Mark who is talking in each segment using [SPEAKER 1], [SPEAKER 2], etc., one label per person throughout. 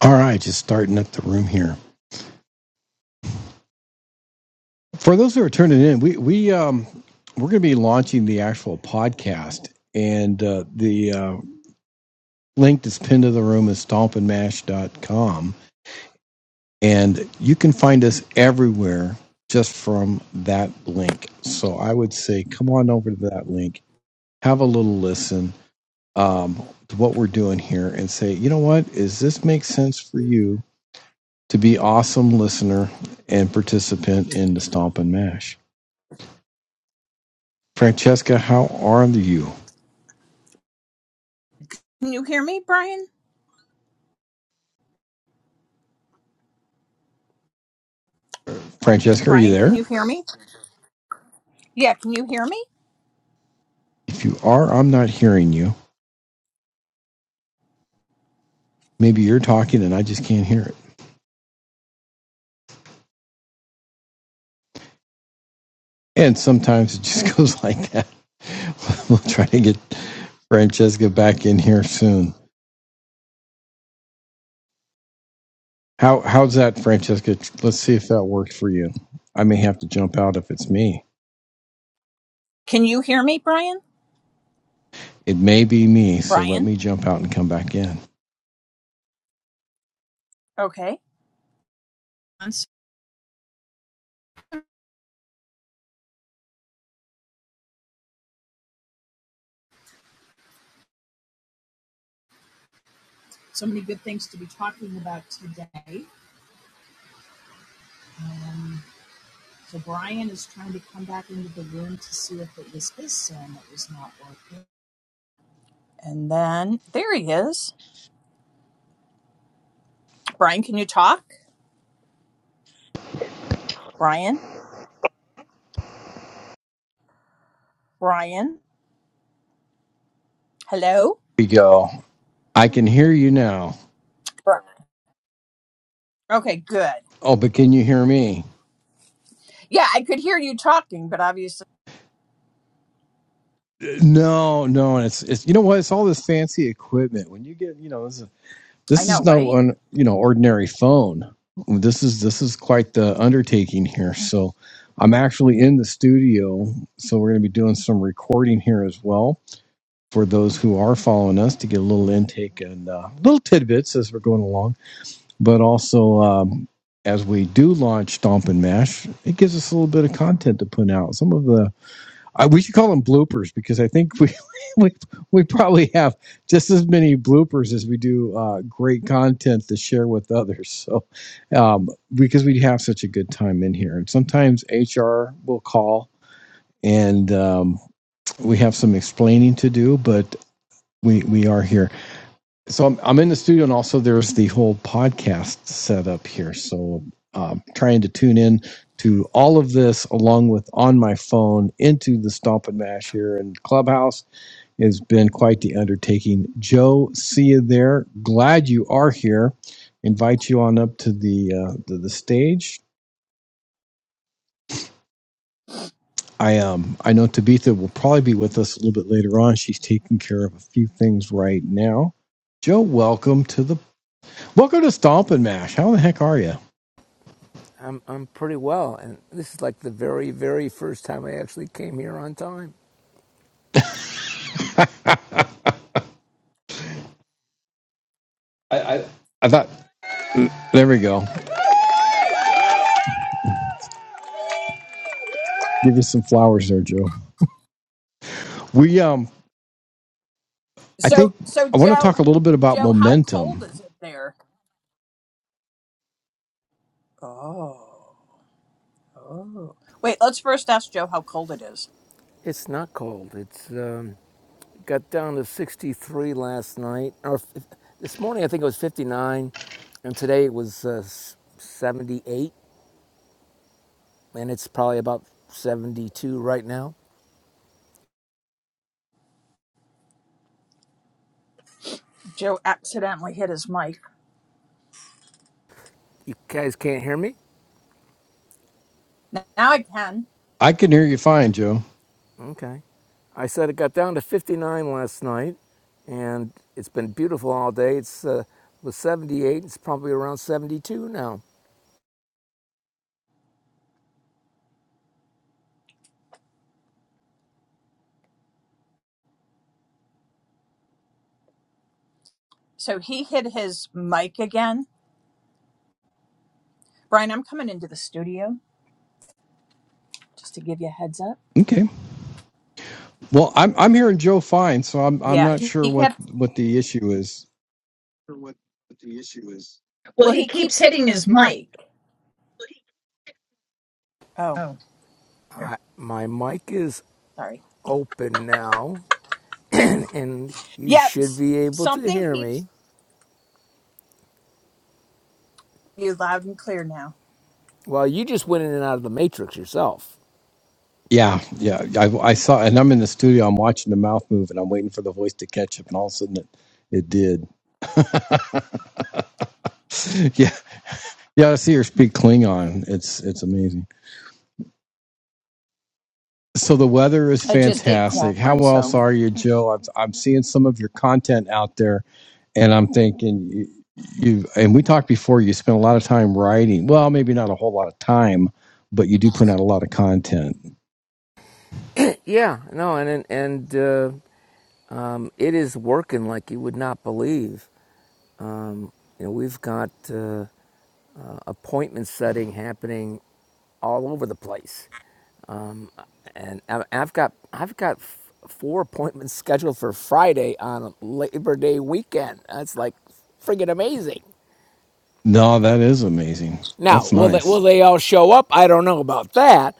[SPEAKER 1] All right, just starting up the room here. For those who are turning in, we we um we're going to be launching the actual podcast, and uh, the uh, link that's pinned to the room is stomp and mash dot com, and you can find us everywhere just from that link. So I would say, come on over to that link, have a little listen um, to what we're doing here, and say, you know what, is this make sense for you to be awesome listener and participant in the Stomp and Mash? Francesca, how are you?
[SPEAKER 2] Can you hear me, Brian?
[SPEAKER 1] Francesca, are you
[SPEAKER 2] Brian, can
[SPEAKER 1] there?
[SPEAKER 2] you hear me? Yeah, can you hear me?
[SPEAKER 1] If you are, I'm not hearing you. Maybe you're talking and I just can't hear it. And sometimes it just goes like that. We'll try to get Francesca back in here soon. How how's that, Francesca? Let's see if that works for you. I may have to jump out if it's me.
[SPEAKER 2] Can you hear me, Brian?
[SPEAKER 1] It may be me, so let
[SPEAKER 2] Brian?
[SPEAKER 1] me jump out and come back in. Here
[SPEAKER 2] Okay. right? Trying to come back into the room to see if it was his sound that was not working. And then there he is. Brian, can you talk? Brian? Brian? Hello?
[SPEAKER 1] we go. I can hear you now.
[SPEAKER 2] Brian. Okay, good.
[SPEAKER 1] Oh, but can you hear me?
[SPEAKER 2] Yeah, I could hear you talking, but obviously
[SPEAKER 1] No, no, and it's it's you know what? It's all this fancy equipment. When you get you know this is
[SPEAKER 2] I
[SPEAKER 1] this is
[SPEAKER 2] know,
[SPEAKER 1] no
[SPEAKER 2] right?
[SPEAKER 1] un, you know ordinary phone. This is this is quite the undertaking here. So I'm actually in the studio, so we're going to be doing some recording here as well for those who are following us to get a little intake and uh, little tidbits as we're going along. But also um, as we do launch Stomp and Mash, it gives us a little bit of content to put out. Some of the I, we should call them bloopers because I think we, we we probably have just as many bloopers as we do uh, great content to share with others. So um, because we have such a good time in here, and sometimes HR will call and um, we have some explaining to do, but we we are here so I'm, I'm in the studio and also there's the whole podcast set up here so um, trying to tune in to all of this along with on my phone into the stomp and mash here in clubhouse has been quite the undertaking joe see you there glad you are here invite you on up to the uh, the, the stage i um i know tabitha will probably be with us a little bit later on she's taking care of a few things right now joe welcome to the welcome to stomp and mash how the heck are you
[SPEAKER 3] I'm I'm pretty well, and this is like the very very first time I actually came here on time.
[SPEAKER 1] I, I, I thought there we go. Give you some flowers there, Joe. We um I
[SPEAKER 2] So
[SPEAKER 1] think
[SPEAKER 2] so
[SPEAKER 1] I want to talk
[SPEAKER 2] Joe
[SPEAKER 1] a little bit about
[SPEAKER 2] Joe, how
[SPEAKER 1] momentum.
[SPEAKER 2] cold is it there? Oh. Oh. Wait, let's first ask Joe how cold it is.
[SPEAKER 3] It's not cold. It's um, got down to 63 last night, or f- this morning I think it was 59, and today it was uh, 78, and it's probably about 72 right now.
[SPEAKER 2] Joe accidentally hit his mic.
[SPEAKER 3] You guys can't hear me?
[SPEAKER 2] Now I can.
[SPEAKER 1] I can hear you fine, Joe.
[SPEAKER 3] Okay. I said it got down to 59 last night, and it's been beautiful all day. It's uh, was 78. It's probably around 72 now.
[SPEAKER 2] So he hit his mic again. Brian, I'm coming into the studio just to give you a heads up.
[SPEAKER 1] Okay. Well, I'm I'm hearing Joe fine, so I'm I'm
[SPEAKER 2] Yeah,
[SPEAKER 1] not
[SPEAKER 2] he,
[SPEAKER 1] sure
[SPEAKER 2] he
[SPEAKER 1] what
[SPEAKER 2] kept,
[SPEAKER 1] what the issue is. Sure What what the issue is. Well,
[SPEAKER 2] well,
[SPEAKER 1] he
[SPEAKER 2] he
[SPEAKER 1] keeps
[SPEAKER 2] keeps
[SPEAKER 1] hitting
[SPEAKER 2] hitting his
[SPEAKER 1] his mic.
[SPEAKER 2] mic. Oh,
[SPEAKER 1] Oh,
[SPEAKER 2] here,
[SPEAKER 1] here.
[SPEAKER 3] I, my mic is
[SPEAKER 2] sorry.
[SPEAKER 3] open now, and you
[SPEAKER 2] Yep,
[SPEAKER 3] should
[SPEAKER 2] s-
[SPEAKER 3] be able to
[SPEAKER 2] something
[SPEAKER 3] hear
[SPEAKER 2] keeps
[SPEAKER 3] me.
[SPEAKER 2] you loud and clear now.
[SPEAKER 3] Well, you just went in and out of the matrix yourself.
[SPEAKER 1] Yeah, yeah. I, I saw, and I'm in the studio. I'm watching the mouth move, and I'm waiting for the voice to catch up. And all of a sudden, it, it did. Yeah, yeah. I see her speak Klingon. It's it's amazing. So the weather is
[SPEAKER 2] I just ate
[SPEAKER 1] fantastic. How
[SPEAKER 2] corn,
[SPEAKER 1] else
[SPEAKER 2] so
[SPEAKER 1] are you, Joe? I'm, I'm seeing some of your content out there, and I'm thinking you, you. And we talked before. You spend a lot of time writing. Well, maybe not a whole lot of time, but you do put out a lot of content.
[SPEAKER 3] yeah, no, and and uh, um, it is working like you would not believe. Um, you know, we've got uh, appointment setting happening all over the place, um, and I- I've got I've got f- four appointments scheduled for Friday on Labor Day weekend. That's like friggin' amazing.
[SPEAKER 1] No, that is amazing.
[SPEAKER 3] Now,
[SPEAKER 1] That's
[SPEAKER 3] will they,
[SPEAKER 1] nice.
[SPEAKER 3] will they all show up? I don't know about that.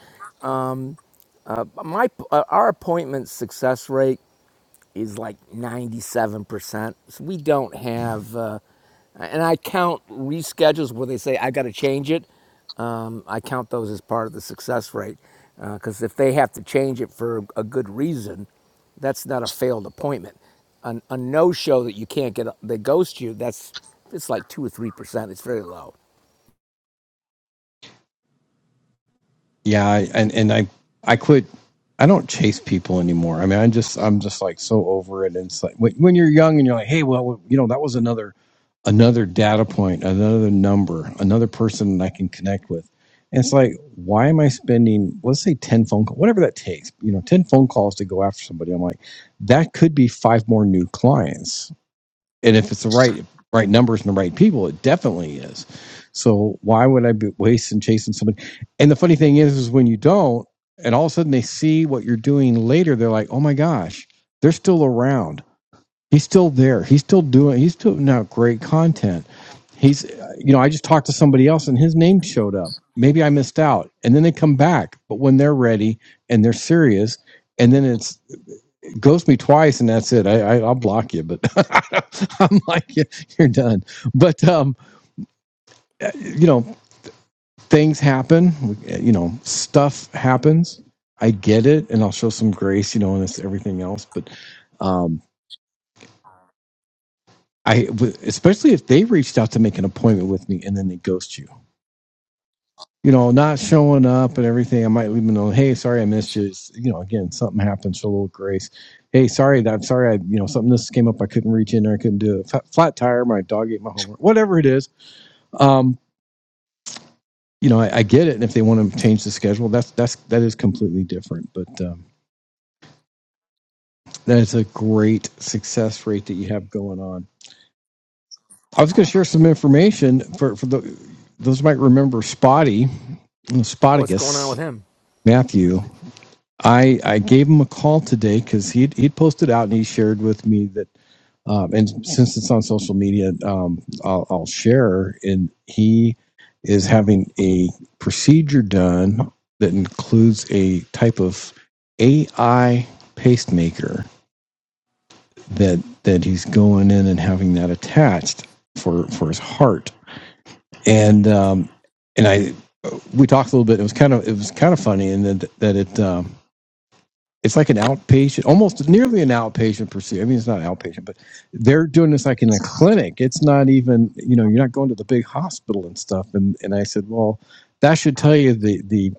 [SPEAKER 3] My uh, our appointment success rate is like ninety seven percent. So we don't have, uh, and I count reschedules where they say I got to change it. Um, I count those as part of the success rate because uh, if they have to change it for a good reason, that's not a failed appointment. An, a no show that you can't get, they ghost you. That's it's like two or three percent. It's very low.
[SPEAKER 1] yeah, I, and and I I quit. I don't chase people anymore. I mean, I just I'm just like so over it. And it's like when, when you're young and you're like, hey, well, you know, that was another another data point, another number, another person that I can connect with. And it's like, why am I spending, let's say, ten phone calls, whatever that takes, you know, ten phone calls to go after somebody? I'm like, that could be five more new clients and if it's the right right numbers and the right people, it definitely is. So why would I be wasting chasing somebody? And the funny thing is, is when you don't, and all of a sudden they see what you're doing later, they're like, oh my gosh, they're still around. He's still there. He's still doing. He's putting out great content. He's, you know, I just talked to somebody else and his name showed up. Maybe I missed out, and then they come back. But when they're ready and they're serious, and then it's ghost me twice and that's it. I, I I'll block you, but I'm like yeah, you're done. But um, you know things happen. You know stuff happens. I get it, and I'll show some grace. You know, and this everything else. But um, I w- especially if they reached out to make an appointment with me and then they ghost you. you know, not showing up and everything. I might leave them know, hey, sorry I missed you. It's, you know, again, something happened, show a little grace. Hey, sorry, I'm sorry I, you know, something this came up, I couldn't reach in there, I couldn't do it. Flat, flat tire, my dog ate my homework, whatever it is. Um, you know, I, I get it. And if they want to change the schedule, that's that's that is completely different. But um, that is a great success rate that you have going on. I was going to share some information for for the those who might remember Spotty,
[SPEAKER 3] What's going on with
[SPEAKER 1] Spotticus
[SPEAKER 3] him?
[SPEAKER 1] Matthew. I I gave him a call today because he he posted out and he shared with me that um, and since it's on social media, um, I'll, I'll share. And he is having a procedure done that includes a type of AI pacemaker that that he's going in and having that attached for for his heart. And um, and I we talked a little bit. It was kind of it was kind of funny, and that that it. Um, it's like an outpatient, almost nearly an outpatient procedure. I mean, it's not outpatient, but they're doing this like in a clinic. It's not even, you know, you're not going to the big hospital and stuff. And and I said, well, that should tell you the the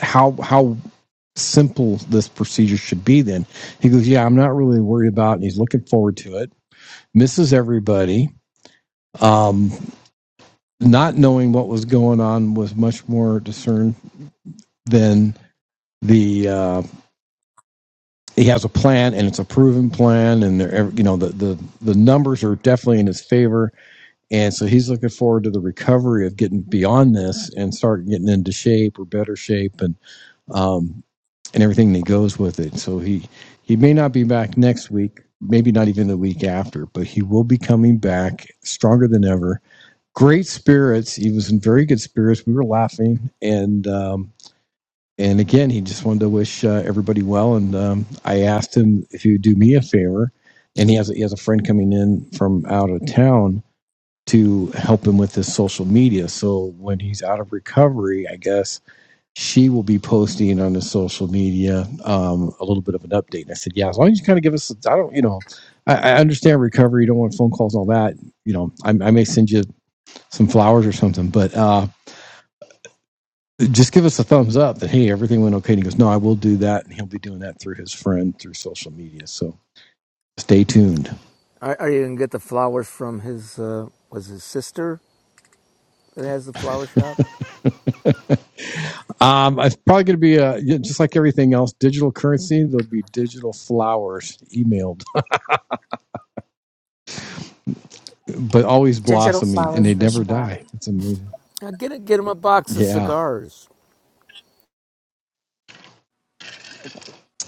[SPEAKER 1] how how simple this procedure should be. Then he goes, yeah, I'm not really worried about, it. and he's looking forward to it. Misses everybody. Um, not knowing what was going on was much more discerned than the. uh, he has a plan and it's a proven plan and they're you know the, the the numbers are definitely in his favor and so he's looking forward to the recovery of getting beyond this and start getting into shape or better shape and um and everything that goes with it so he he may not be back next week maybe not even the week after but he will be coming back stronger than ever great spirits he was in very good spirits we were laughing and um and again, he just wanted to wish uh, everybody well. And um, I asked him if he would do me a favor, and he has he has a friend coming in from out of town to help him with his social media. So when he's out of recovery, I guess she will be posting on his social media um, a little bit of an update. And I said, yeah, as long as you kind of give us, I don't, you know, I, I understand recovery. You don't want phone calls and all that. You know, I, I may send you some flowers or something, but. Uh, just give us a thumbs up that hey everything went okay and he goes no i will do that and he'll be doing that through his friend through social media so stay tuned
[SPEAKER 3] Are, are you gonna get the flowers from his? Uh, was his sister that has the flower shop?
[SPEAKER 1] um it's probably going to be uh yeah, just like everything else digital currency there'll be digital flowers emailed but always
[SPEAKER 2] digital
[SPEAKER 1] blossoming and
[SPEAKER 2] flowers
[SPEAKER 1] they
[SPEAKER 2] for
[SPEAKER 1] never die
[SPEAKER 2] spotty.
[SPEAKER 1] it's amazing
[SPEAKER 3] Now get it. get him a box of
[SPEAKER 1] yeah
[SPEAKER 3] cigars.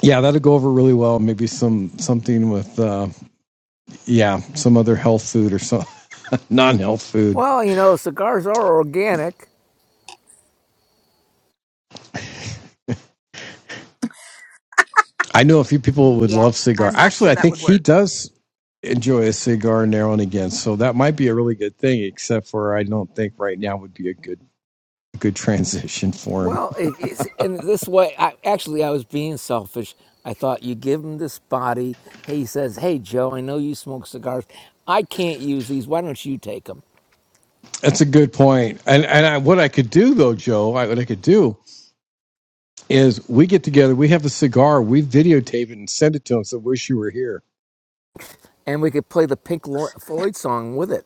[SPEAKER 1] yeah that'll go over really well maybe some something with uh yeah some other health food or some non-health food
[SPEAKER 3] Well, you know, cigars are organic.
[SPEAKER 1] i know a few people would
[SPEAKER 2] Yeah,
[SPEAKER 1] love cigar
[SPEAKER 2] I'm not
[SPEAKER 1] actually
[SPEAKER 2] sure
[SPEAKER 1] i
[SPEAKER 2] that
[SPEAKER 1] think
[SPEAKER 2] would
[SPEAKER 1] he
[SPEAKER 2] work.
[SPEAKER 1] does enjoy a cigar now and again. So that might be a really good thing, except for I don't think right now would be a good good transition for him.
[SPEAKER 3] Well, it's, in this way, I, actually, I was being selfish. I thought you give him this body. He says, "Hey, Joe, I know you smoke cigars. I can't use these. Why don't you take them?"
[SPEAKER 1] That's a good point. And and I, what I could do though, Joe, I, what I could do is we get together, we have a cigar, we videotape it and send it to him. So wish you were here.
[SPEAKER 3] And we could play the Pink Floyd song with it.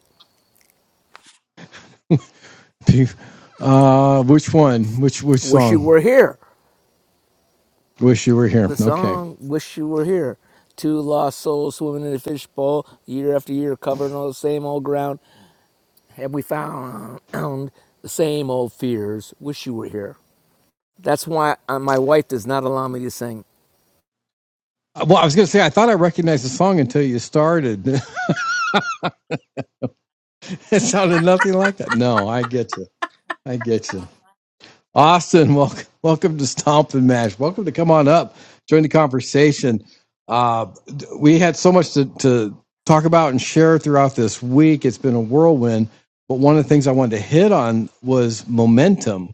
[SPEAKER 1] Uh, which one? Which which
[SPEAKER 3] Wish you
[SPEAKER 1] song?
[SPEAKER 3] were here.
[SPEAKER 1] Wish you were here.
[SPEAKER 3] the
[SPEAKER 1] Okay.
[SPEAKER 3] song "Wish You Were Here." Two lost souls swimming in a fishbowl, year after year, covering all the same old ground. Have we found the same old fears? Wish you were here. That's why uh, my wife does not allow me to sing.
[SPEAKER 1] Uh, Well, I was going to say I thought I recognized the song until you started. it sounded nothing like that. No, I get you. I get you. Austin, welcome, welcome to Stomp and Mash. Welcome to come on up, join the conversation. Uh, we had so much to, to talk about and share throughout this week. It's been a whirlwind, but one of the things I wanted to hit on was momentum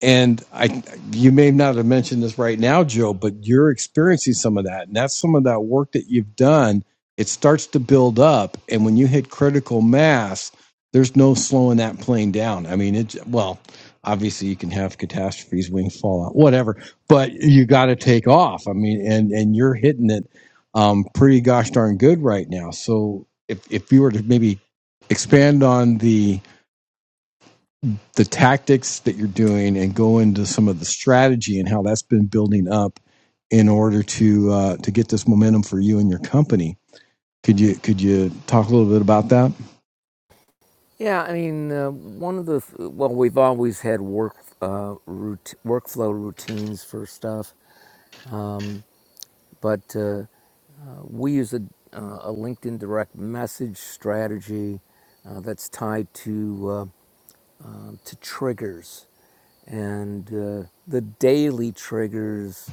[SPEAKER 1] and I, you may not have mentioned this right now, Joe, but you're experiencing some of that, and that's some of that work that you've done. It starts to build up, and when you hit critical mass, there's no slowing that plane down. I mean, it well, obviously you can have catastrophes, wings fall out, whatever, but you got to take off. I mean, and and you're hitting it um, pretty gosh darn good right now. So if if you were to maybe expand on the the tactics that you're doing and go into some of the strategy and how that's been building up in order to uh, to get this momentum for you and your company. Could you could you talk a little bit about that?
[SPEAKER 3] Yeah, I mean, uh, one of the well, we've always had work uh, rout- workflow routines for stuff, but uh, uh, we use a, uh, a LinkedIn direct message strategy uh, that's tied to. um, to triggers. And uh, the daily triggers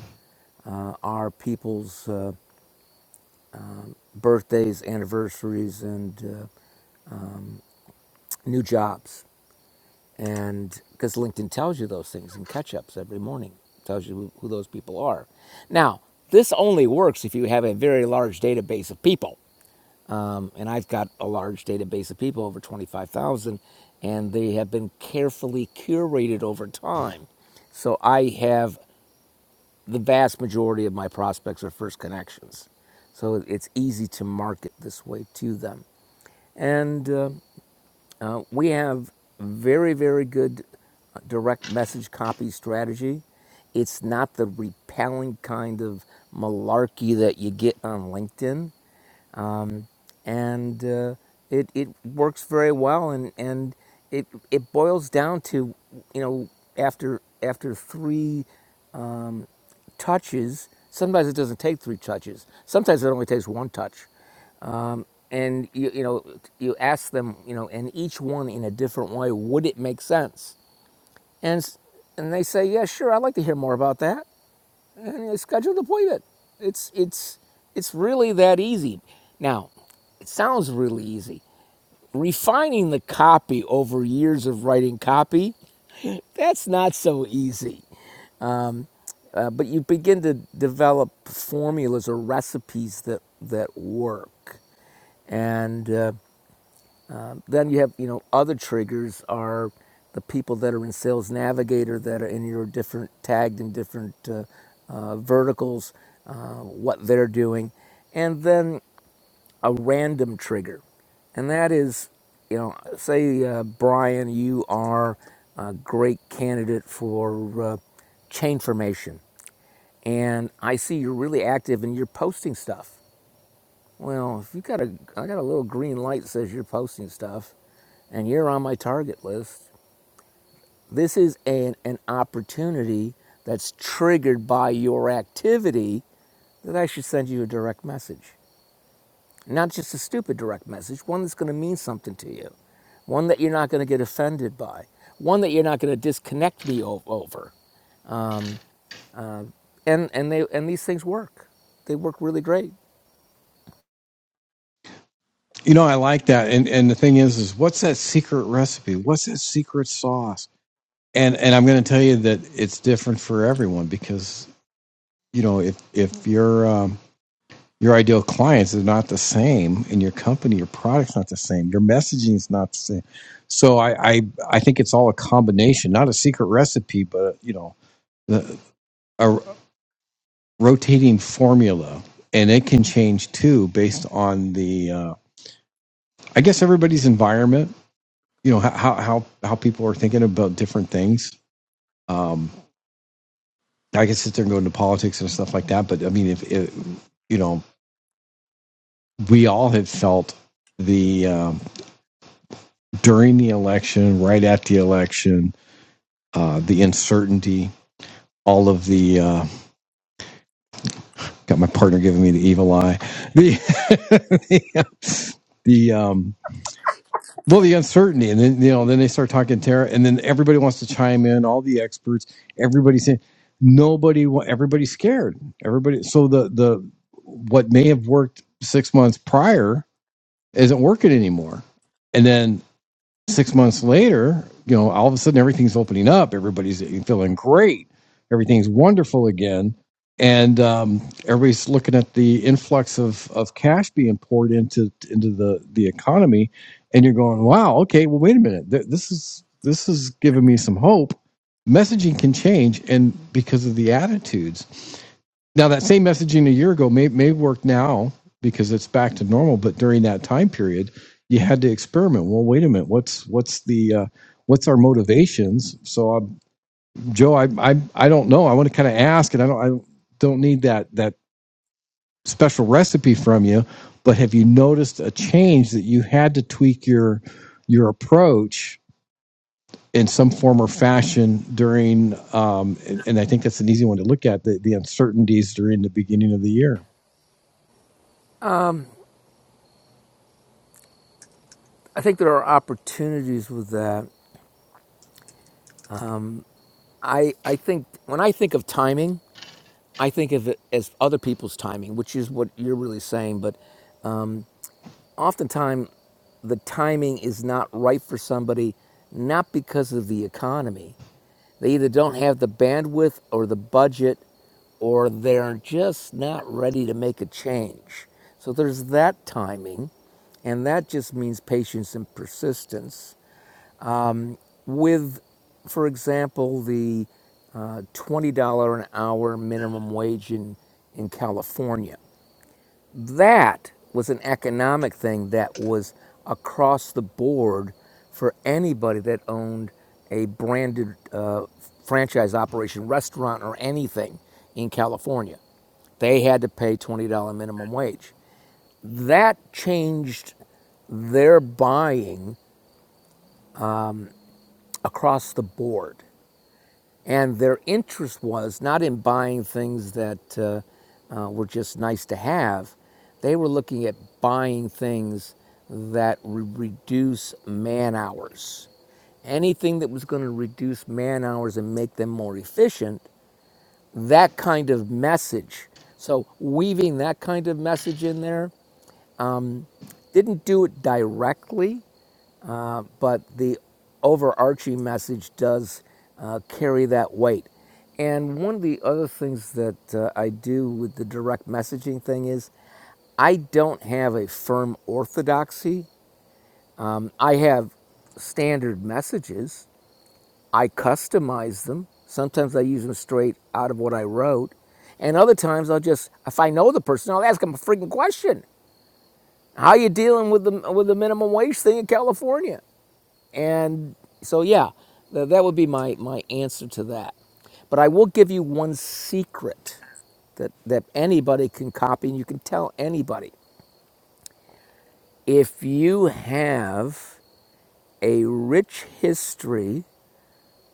[SPEAKER 3] uh, are people's uh, birthdays, anniversaries, and uh, new jobs. And because LinkedIn tells you those things in catch ups every morning, tells you who, who those people are. Now, this only works if you have a very large database of people. Um, and I've got a large database of people, over 25,000, and they have been carefully curated over time. So I have the vast majority of my prospects are first connections. So it's easy to market this way to them. And uh, uh, we have very, very good uh, direct message copy strategy. It's not the repelling kind of malarkey that you get on LinkedIn. And uh, it, it works very well. And, and it, it boils down to, you know, after, after three touches. Sometimes it doesn't take three touches. Sometimes it only takes one touch. Um, And you, you know, you ask them, you know, and each one in a different way, would it make sense? And and they say, yeah, sure, I'd like to hear more about that. And they schedule an appointment. It's it's it's really that easy. Now, it sounds really easy. Refining the copy over years of writing copy, that's not so easy. Uh, but you begin to develop formulas or recipes that that work and uh, then you have you know other triggers are the people that are in sales navigator that are in your different tagged in different uh, uh, verticals uh, what they're doing and then a random trigger and that is you know say uh, brian you are a great candidate for uh, chain formation and I see you're really active and you're posting stuff. Well, if you got a, I got a little green light that says you're posting stuff, and you're on my target list. This is an an opportunity that's triggered by your activity that I should send you a direct message, not just a stupid direct message, one that's going to mean something to you, one that you're not going to get offended by, one that you're not going to disconnect me over. And and they and these things work. They work really great.
[SPEAKER 1] You know, I like that. And and the thing is, is what's that secret recipe? What's that secret sauce? And and I'm going to tell you that it's different for everyone because you know if if you're um, your ideal clients is not the same and your company your product's not the same your messaging is not the same so i i, I think it's all a combination not a secret recipe but you know the, a r- rotating formula and it can change too based on the uh, i guess everybody's environment you know how how how how people are thinking about different things um i can sit there and go into politics and stuff like that but i mean if it, you know we all have felt the um, during the election, right at the election, uh, the uncertainty, all of the uh, got my partner giving me the evil eye, the the, the, um, well, the uncertainty, and then you know, then they start talking terror, and then everybody wants to chime in, all the experts, everybody saying nobody, wa- everybody's scared, everybody. So the the what may have worked six months prior isn't working anymore, and then Six months later, you know, all of a sudden everything's opening up. Everybody's feeling great. Everything's wonderful again. And um, everybody's looking at the influx of, of cash being poured into into the, the economy, and you're going, "Wow, okay, well, wait a minute. Th- this is this is giving me some hope." Messaging can change, and because of the attitudes, now that same messaging a year ago may may work now because it's back to normal, but during that time period, you had to experiment. Well, wait a minute, what's what's the uh, what's our motivations? So, um, Joe, I, I I don't know. I want to kind of ask, and I don't I don't need that that special recipe from you, but have you noticed a change that you had to tweak your your approach in some form or fashion during? Um, and, and I think that's an easy one to look at the the uncertainties during the beginning of the year.
[SPEAKER 3] I think there are opportunities with that. I, I think when I think of timing, I think of it as other people's timing, which is what you're really saying. But oftentimes, the timing is not right for somebody, not because of the economy. They either don't have the bandwidth or the budget, or they're just not ready to make a change. So there's that timing, and that just means patience and persistence with, for example, the uh, $20 an hour minimum wage in, in California. That was an economic thing that was across the board for anybody that owned a branded uh, franchise operation, restaurant, or anything in California. They had to pay $20 minimum wage. That changed their buying across the board. and their interest was not in buying things that uh, uh, were just nice to have. They were looking at buying things that re- reduce man hours. Anything that was going to reduce man hours and make them more efficient, that kind of message. So, weaving that kind of message in there didn't do it directly, but the overarching message does uh, carry that weight. And one of the other things that uh, I do with the direct messaging thing is I don't have a firm orthodoxy. I have standard messages, I customize them. Sometimes I use them straight out of what I wrote. And other times I'll just, if I know the person, I'll ask them a freaking question. How are you dealing with the, with the minimum wage thing in California? And so, yeah, th- that would be my, my answer to that. But I will give you one secret that, that anybody can copy and you can tell anybody. If you have a rich history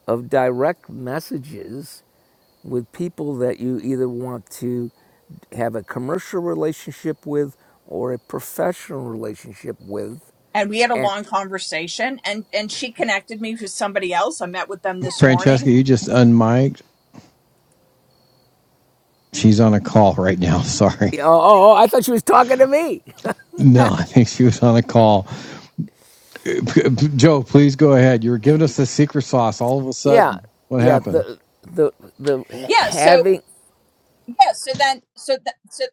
[SPEAKER 3] of direct messages with people that you either want to have a commercial relationship with or a professional relationship with,
[SPEAKER 2] And we had a
[SPEAKER 3] and
[SPEAKER 2] long conversation, and and she connected me with somebody else. I met with them this
[SPEAKER 1] Francesca,
[SPEAKER 2] morning,
[SPEAKER 1] you just unmiked. She's on a call right now. Sorry.
[SPEAKER 3] oh, oh, oh I thought she was talking to me.
[SPEAKER 1] No, I think she was on a call. Joe, please go ahead. You were giving us the secret sauce all of a
[SPEAKER 3] Yeah,
[SPEAKER 1] sudden. What
[SPEAKER 3] yeah.
[SPEAKER 1] happened?
[SPEAKER 3] The the the
[SPEAKER 2] yeah, so
[SPEAKER 3] having
[SPEAKER 2] yeah so then so th- so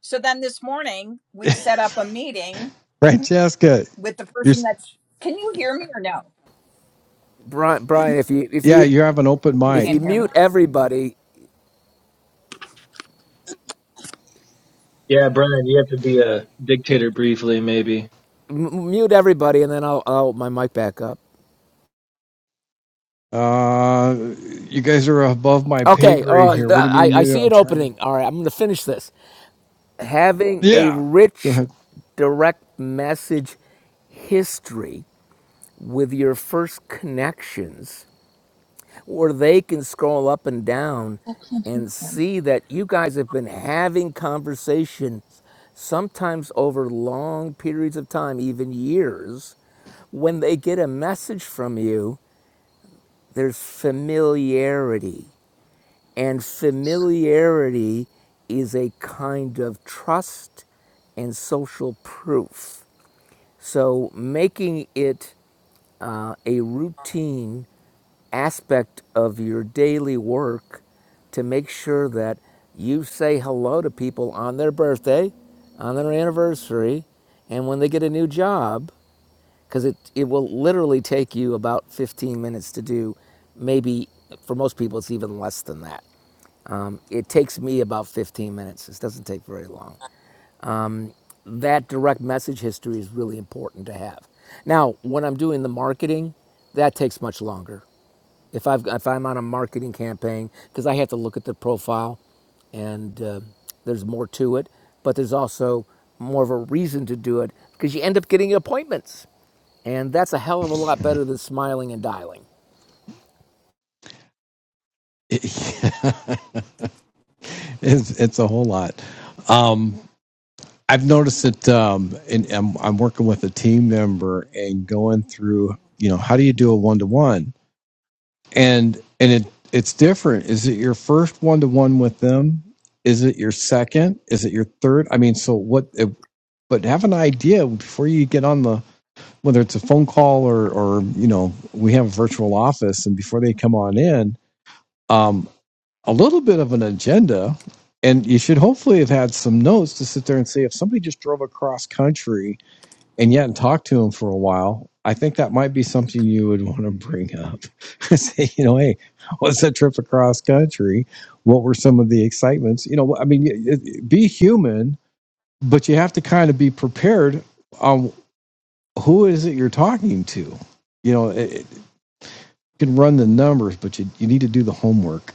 [SPEAKER 2] so then this morning we set up a meeting
[SPEAKER 1] Francesca,
[SPEAKER 2] with the
[SPEAKER 1] you're
[SPEAKER 2] person that's can you hear me or no
[SPEAKER 3] Brian Brian, if you if
[SPEAKER 1] yeah,
[SPEAKER 3] you
[SPEAKER 1] you have an open
[SPEAKER 2] you
[SPEAKER 3] if
[SPEAKER 2] can't
[SPEAKER 3] you
[SPEAKER 1] mic.
[SPEAKER 2] hear me
[SPEAKER 3] mute everybody,
[SPEAKER 4] Yeah, Brian, you have to be a dictator briefly, maybe.
[SPEAKER 3] m- mute everybody, and then I'll I'll open my mic back up.
[SPEAKER 1] Uh, you guys are above my pay
[SPEAKER 3] Okay.
[SPEAKER 1] grade
[SPEAKER 3] Oh, th-
[SPEAKER 1] here. What do you
[SPEAKER 3] I
[SPEAKER 1] mean
[SPEAKER 3] I
[SPEAKER 1] muted?
[SPEAKER 3] see
[SPEAKER 1] I'm
[SPEAKER 3] an
[SPEAKER 1] trying to.
[SPEAKER 3] opening. All right, I'm going to finish this. Having a
[SPEAKER 1] Yeah, go
[SPEAKER 3] rich
[SPEAKER 1] ahead.
[SPEAKER 3] direct message history with your first connections where they can scroll up and down and see that you guys have been having conversations sometimes over long periods of time even years when they get a message from you there's familiarity and familiarity is a kind of trust and social proof so making it uh, a routine aspect of your daily work to make sure that you say hello to people on their birthday, on their anniversary, and when they get a new job, because it, it will literally take you about 15 minutes to do. Maybe for most people, it's even less than that. Um, it takes me about 15 minutes. This doesn't take very long that direct message history is really important to have. Now, when I'm doing the marketing, that takes much longer. If I've if I'm on a marketing campaign, because I have to look at the profile, and uh, there's more to it, but there's also more of a reason to do it because you end up getting appointments, and that's a hell of a lot better than smiling and dialing.
[SPEAKER 1] it's it's a whole lot. Um, I've noticed that um, and I'm, I'm working with a team member and going through, you know, how do you do a one to one? And and it it's different. Is it your first one to one with them? Is it your second? Is it your third? I mean, so what? It, but have an idea before you get on the whether it's a phone call or or you know we have a virtual office and before they come on in, um, a little bit of an agenda and you should hopefully have had some notes to sit there and say if somebody just drove across country and yet and talk to him for a while, I think that might be something you would want to bring up. Say, you know, hey, how was that trip across country? What were some of the excitements? You know, I mean, be human, but you have to kind of be prepared on who is it you're talking to. You know, it, it- you can run the numbers, but you, you need to do the homework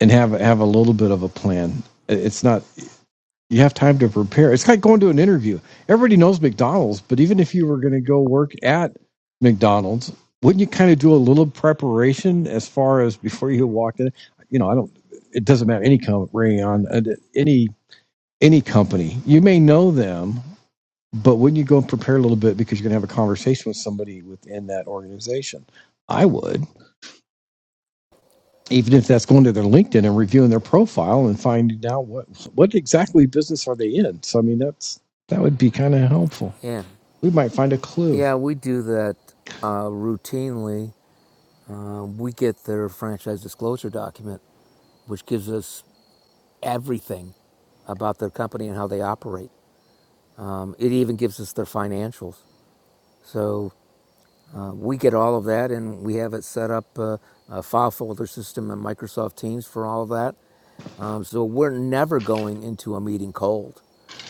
[SPEAKER 1] and have have a little bit of a plan. It's not you have time to prepare. It's like going to an interview. Everybody knows McDonald's, but even if you were going to go work at McDonald's, wouldn't you kind of do a little preparation as far as before you walk in? You know, I don't. It doesn't matter any company on uh, any any company. You may know them, but wouldn't you go and prepare a little bit because you're going to have a conversation with somebody within that organization? I would even if that's going to their LinkedIn and reviewing their profile and finding out what what exactly business are they in. So I mean that's that would be kind of helpful.
[SPEAKER 3] Yeah,
[SPEAKER 1] We might find a clue.
[SPEAKER 3] yeah, we do that uh, routinely. Um, we get their franchise disclosure document, which gives us everything about their company and how they operate. Um, it even gives us their financials. So uh, we get all of that, and we have it set up uh, a file folder system in Microsoft Teams for all of that. Um, so we're never going into a meeting cold.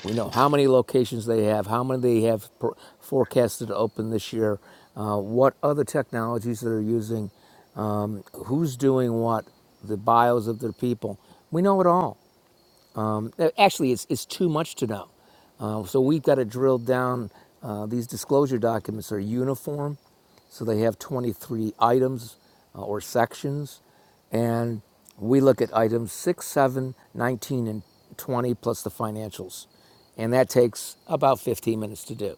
[SPEAKER 3] We know how many locations they have, how many they have pro- forecasted to open this year, uh, what other technologies they're using, um, who's doing what, the bios of their people. We know it all. uh, actually it's, it's too much to know uh, so we've got to drill down uh, these disclosure documents are uniform so they have 23 items uh, or sections and we look at items 6 7, 19, and 20 plus the financials and that takes about 15 minutes to do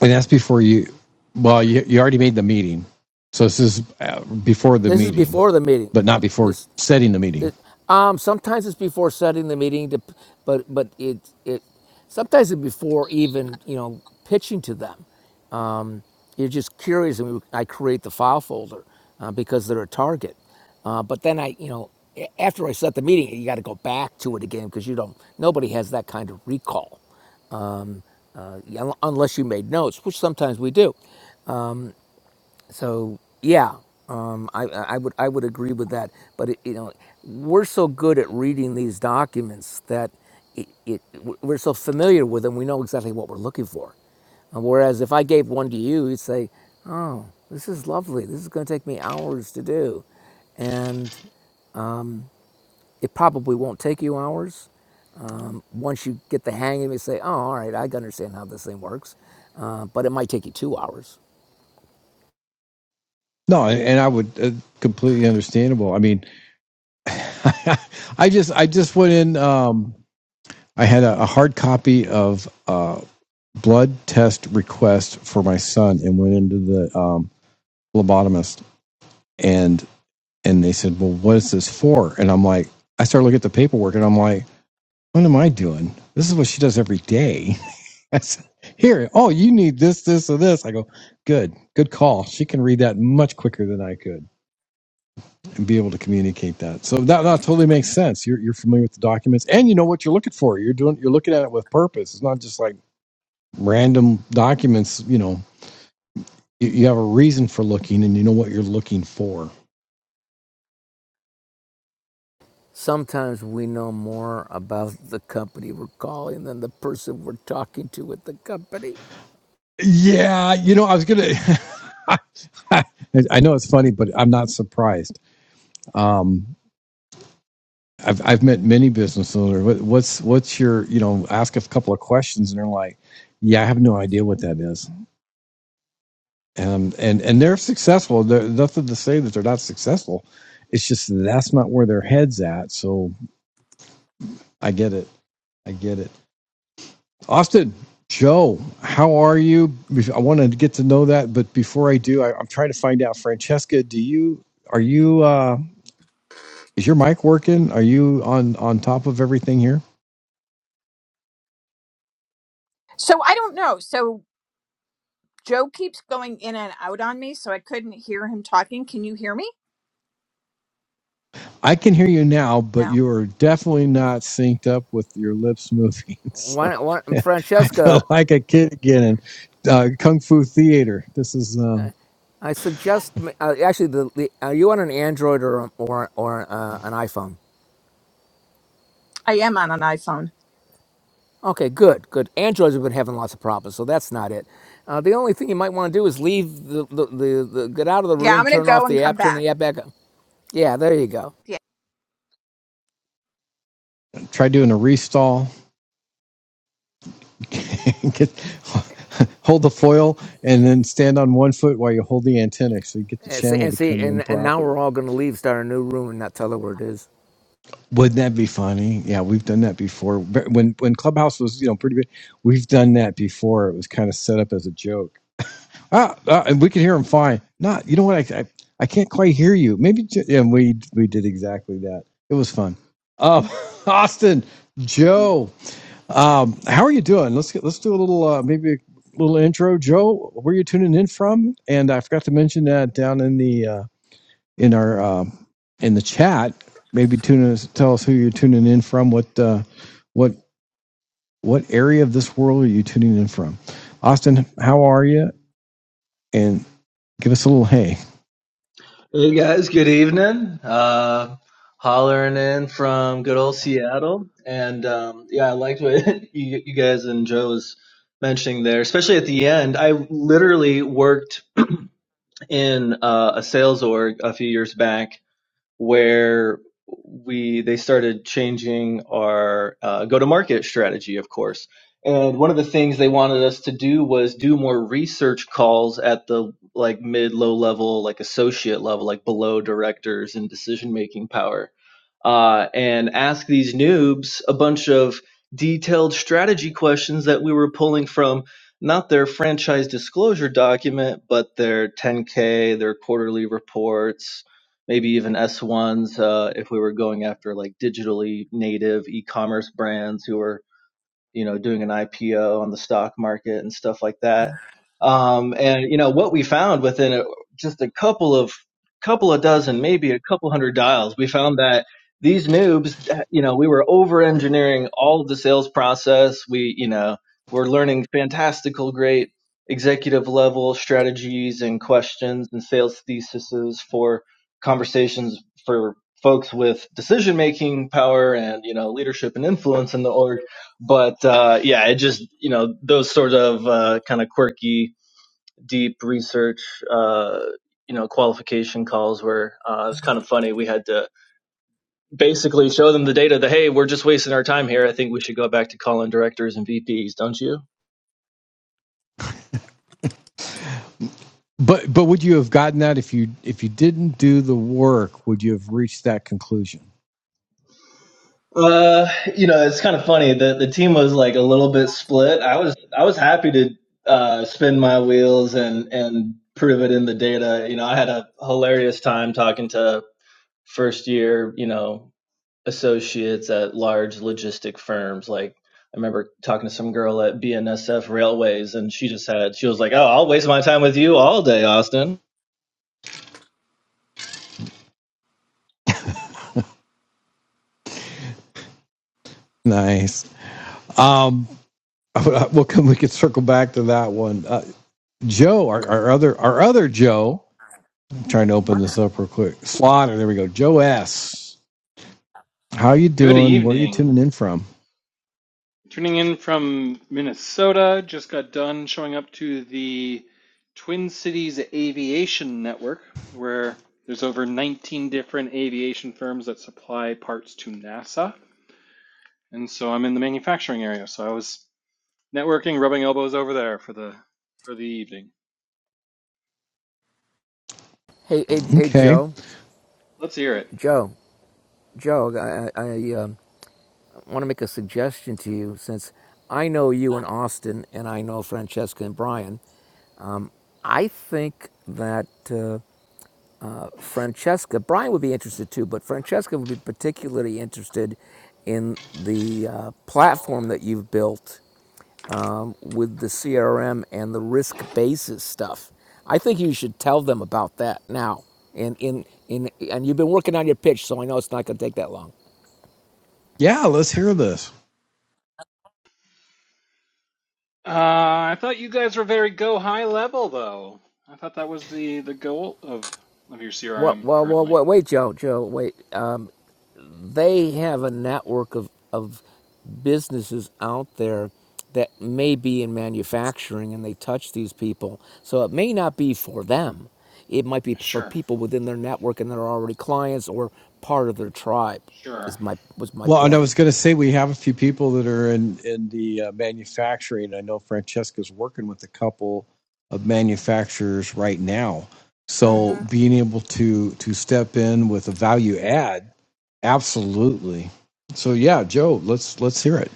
[SPEAKER 1] And that's before you well you you already made the meeting. So this is uh, before the
[SPEAKER 3] this is
[SPEAKER 1] meeting,
[SPEAKER 3] before the meeting
[SPEAKER 1] but not before
[SPEAKER 3] this
[SPEAKER 1] setting the meeting.
[SPEAKER 3] The- um, sometimes it's before setting the meeting, to, but but it it sometimes it's before even you know pitching to them. Um, you're just curious, and we, I create the file folder uh, because they're a target. Uh, but then I you know after I set the meeting, you got to go back to it again because you don't nobody has that kind of recall uh, unless you made notes, which sometimes we do. So yeah, um, I, I would I would agree with that. But it, you know, we're so good at reading these documents that it, it we're so familiar with them. We know exactly what we're looking for. And whereas if I gave one to you, you'd say, "Oh, this is lovely. This is going to take me hours to do," and it probably won't take you hours um, once you get the hang of it, you say, oh, all right, I understand how this thing works. Uh, but it might take you two hours.
[SPEAKER 1] No, and I would uh, completely understandable. I mean I just I just went in um I had a, a hard copy of uh blood test request for my son and went into the Um, lobotomist and and they said, Well, what is this for? And I'm like, I started looking at the paperwork and I'm like, what am I doing? This is what she does every day. I said, Here, oh, you need this, this, or this. I go, good, good call. She can read that much quicker than I could and be able to communicate that. So that, that totally makes sense. You're, you're familiar with the documents and you know what you're looking for. You're doing, you're looking at it with purpose. It's not just like random documents, you know, you, you have a reason for looking and you know what you're looking for
[SPEAKER 3] Sometimes we know more about the company we're calling than the person we're talking to at the company.
[SPEAKER 1] Yeah, you know, I was gonna. I I know it's funny, but I'm not surprised. Um, I've I've met many business owners. What, what's what's your you know? Ask a couple of questions, and they're like, "Yeah, I have no idea what that is." Um, and and they're successful. There's nothing to say that they're not successful. It's just that's not where their heads at. So I get it. I get it. Austin, Joe, how are you? I want to get to know that, but before I do, I, I'm trying to find out. Francesca, do you are you uh, is your mic working? Are you on on top of everything here?
[SPEAKER 2] so i don't know so joe keeps going in and out on me so i couldn't hear him talking can you hear me
[SPEAKER 1] I can hear you now, but
[SPEAKER 2] no
[SPEAKER 1] you are definitely not synced up with your lips moving. So
[SPEAKER 3] Why, why,
[SPEAKER 1] I feel
[SPEAKER 3] Francesca,
[SPEAKER 1] like a kid again in uh, Kung Fu Theater. This is um,
[SPEAKER 3] I suggest uh, actually the, the are you on an Android or or or uh, an iPhone?
[SPEAKER 2] i am on an iphone
[SPEAKER 3] Okay, good, good. Androids have been having lots of problems, so that's not it. Uh, the only thing you might want to do is leave the, the, the, the get out of the
[SPEAKER 2] yeah i'm
[SPEAKER 3] room,
[SPEAKER 2] gonna
[SPEAKER 3] turn
[SPEAKER 2] go
[SPEAKER 3] off
[SPEAKER 2] and
[SPEAKER 3] the
[SPEAKER 2] come
[SPEAKER 3] app, turn
[SPEAKER 2] back
[SPEAKER 3] the app back on. Yeah, there you go.
[SPEAKER 2] yeah
[SPEAKER 1] try doing a restall get, hold the foil and then stand on one foot while you hold the antenna so you get the
[SPEAKER 3] And see,
[SPEAKER 1] channel
[SPEAKER 3] and,
[SPEAKER 1] to
[SPEAKER 3] see,
[SPEAKER 1] come in
[SPEAKER 3] and, and now we're
[SPEAKER 1] properly.
[SPEAKER 3] all going to leave, start a new room, and not tell her where it is.
[SPEAKER 1] Wouldn't that be funny? Yeah, we've done that before. But When when Clubhouse was you know pretty big, we've done that before. It was kind of set up as a joke. Ah, ah and we could hear him fine. Not you know what I I, I can't quite hear you. Maybe j- and we we did exactly that. It was fun. Uh, Austin, Joe. Um, how are you doing? Let's get, let's do a little uh, maybe a little intro, Joe. Where you tuning in from? And I forgot to mention that down in the uh, in our um in the chat. Maybe tune us, tell us who you're tuning in from. What uh, what what area of this world are you tuning in from? Austin, how are you? And give us a little hey.
[SPEAKER 4] Hey guys, good evening. Uh, hollering in from good old Seattle, and um, yeah, I liked what you, you guys and Joe was mentioning there, especially at the end. I literally worked in uh, a sales org a few years back, where we they started changing our uh, go to market strategy, of course. And one of the things they wanted us to do was do more research calls at the like mid low level, like associate level, like below directors and decision making power uh, and ask these noobs a bunch of detailed strategy questions that we were pulling from not their franchise disclosure document, but their 10K, their quarterly reports, maybe even S1s uh, if we were going after like digitally native e commerce brands who are you know, doing an IPO on the stock market and stuff like that. Um, and you know what we found within a, just a couple of couple of dozen, maybe a couple hundred dials, we found that these noobs, you know, we were over engineering all of the sales process. We, you know, were learning fantastical, great executive level strategies and questions and sales theses for conversations for folks with decision making power and you know leadership and influence in the org but uh, yeah, it just you know those sort of uh, kind of quirky, deep research, uh, you know, qualification calls were uh, it was kind of funny. We had to basically show them the data that hey, we're just wasting our time here. I think we should go back to calling directors and VPs, don't you?
[SPEAKER 1] But but would you have gotten that if you if you didn't do the work? Would you have reached that conclusion?
[SPEAKER 4] Uh, you know, it's kind of funny. The the team was like a little bit split. I was I was happy to uh, spin my wheels and and prove it in the data. You know, I had a hilarious time talking to first year, you know, associates at large logistic firms. Like I remember talking to some girl at BNSF Railways, and she just had she was like, "Oh, I'll waste my time with you all day, Austin,"
[SPEAKER 1] Nice. Um, well, can we could circle back to that one. Uh, Joe, our, our other our other Joe. I'm trying to open this up real quick. Slaughter, there we go. Joe S. How you
[SPEAKER 5] Good
[SPEAKER 1] doing? Where are you
[SPEAKER 5] evening.
[SPEAKER 1] tuning in from?
[SPEAKER 5] Tuning in from Minnesota. Just got done showing up to the Twin Cities Aviation Network, where there's over 19 different aviation firms that supply parts to NASA. And so I'm in the manufacturing area. So I was networking, rubbing elbows over there for the for the evening.
[SPEAKER 3] Hey, hey, hey,
[SPEAKER 1] Okay.
[SPEAKER 3] Joe,
[SPEAKER 5] Let's hear it.
[SPEAKER 3] Joe, Joe, I, I um, want to make a suggestion to you since I know you and Austin, and I know Francesca and Brian. I think that uh, Francesca, Brian would be interested too, but Francesca would be particularly interested in the uh, platform that you've built um, with the CRM and the risk basis stuff. I think you should tell them about that now. And in, in, and you've been working on your pitch, so I know it's not going to take that long.
[SPEAKER 1] Yeah, let's hear this.
[SPEAKER 5] Uh, I thought you guys were very go high level though. I thought that was the the goal of of your
[SPEAKER 3] Well,
[SPEAKER 5] CRM
[SPEAKER 3] well, well,
[SPEAKER 5] currently.
[SPEAKER 3] well wait, Joe, Joe, wait. Um, they have a network of, of businesses out there that may be in manufacturing and they touch these people. So it may not be for them. It might be for
[SPEAKER 5] Sure.
[SPEAKER 3] people within their network and they're already clients or part of their tribe
[SPEAKER 5] Sure.
[SPEAKER 3] is my was my
[SPEAKER 1] Well, and I
[SPEAKER 3] point.
[SPEAKER 1] was going to say we have a few people that are in in the uh, manufacturing. I know Francesca's working with a couple of manufacturers right now. So
[SPEAKER 2] mm-hmm.
[SPEAKER 1] being able to to step in with a value add, absolutely. So yeah, Joe, let's let's hear it.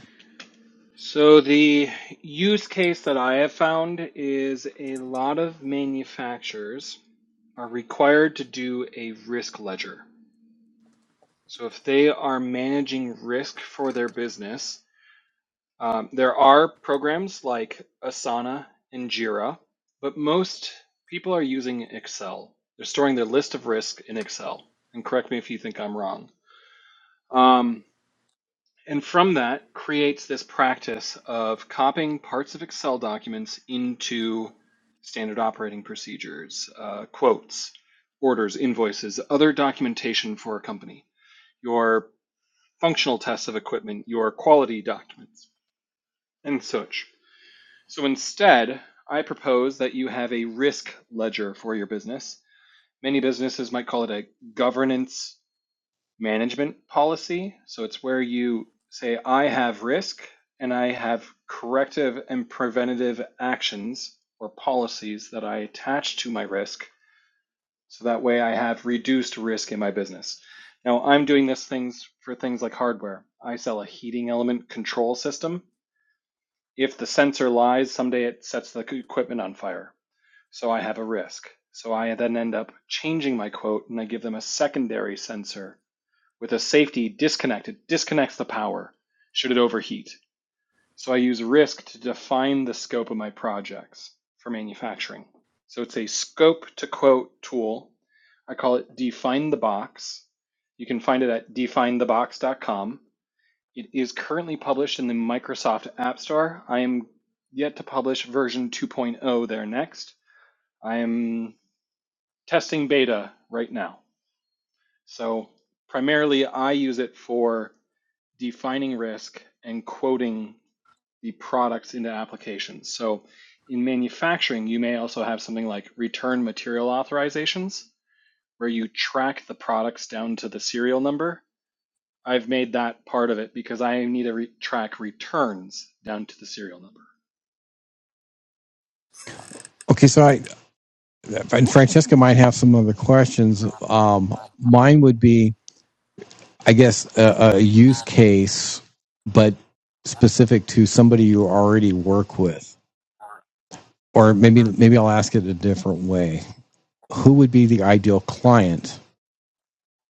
[SPEAKER 5] So the use case that I have found is a lot of manufacturers are required to do a risk ledger. So if they are managing risk for their business, um, there are programs like Asana and Jira, but most people are using Excel. They're storing their list of risk in Excel. And correct me if you think I'm wrong. Um, And from that creates this practice of copying parts of Excel documents into standard operating procedures, uh, quotes, orders, invoices, other documentation for a company, your functional tests of equipment, your quality documents, and such. So instead, I propose that you have a risk ledger for your business. Many businesses might call it a governance management policy. So it's where you say, I have risk and I have corrective and preventative actions or policies that I attach to my risk. So that way I have reduced risk in my business. Now I'm doing this things for things like hardware. I sell a heating element control system. If the sensor lies, someday it sets the equipment on fire. So I have a risk. So I then end up changing my quote and I give them a secondary sensor with a safety disconnect. It disconnects the power should it overheat. So I use risk to define the scope of my projects for manufacturing. So it's a scope to quote tool. I call it Define the Box. You can find it at Define the definethebox.com. It is currently published in the Microsoft App Store. I am yet to publish version 2.0 there next. I am testing beta right now. So primarily I use it for defining risk and quoting the products into applications. So in manufacturing, you may also have something like return material authorizations, where you track the products down to the serial number. I've made that part of it because I need to re- track returns down to the serial number.
[SPEAKER 1] Okay, so I, and Francesca might have some other questions. Um, mine would be, I guess, a, a use case, but specific to somebody you already work with, or maybe maybe I'll ask it a different way. Who would be the ideal client,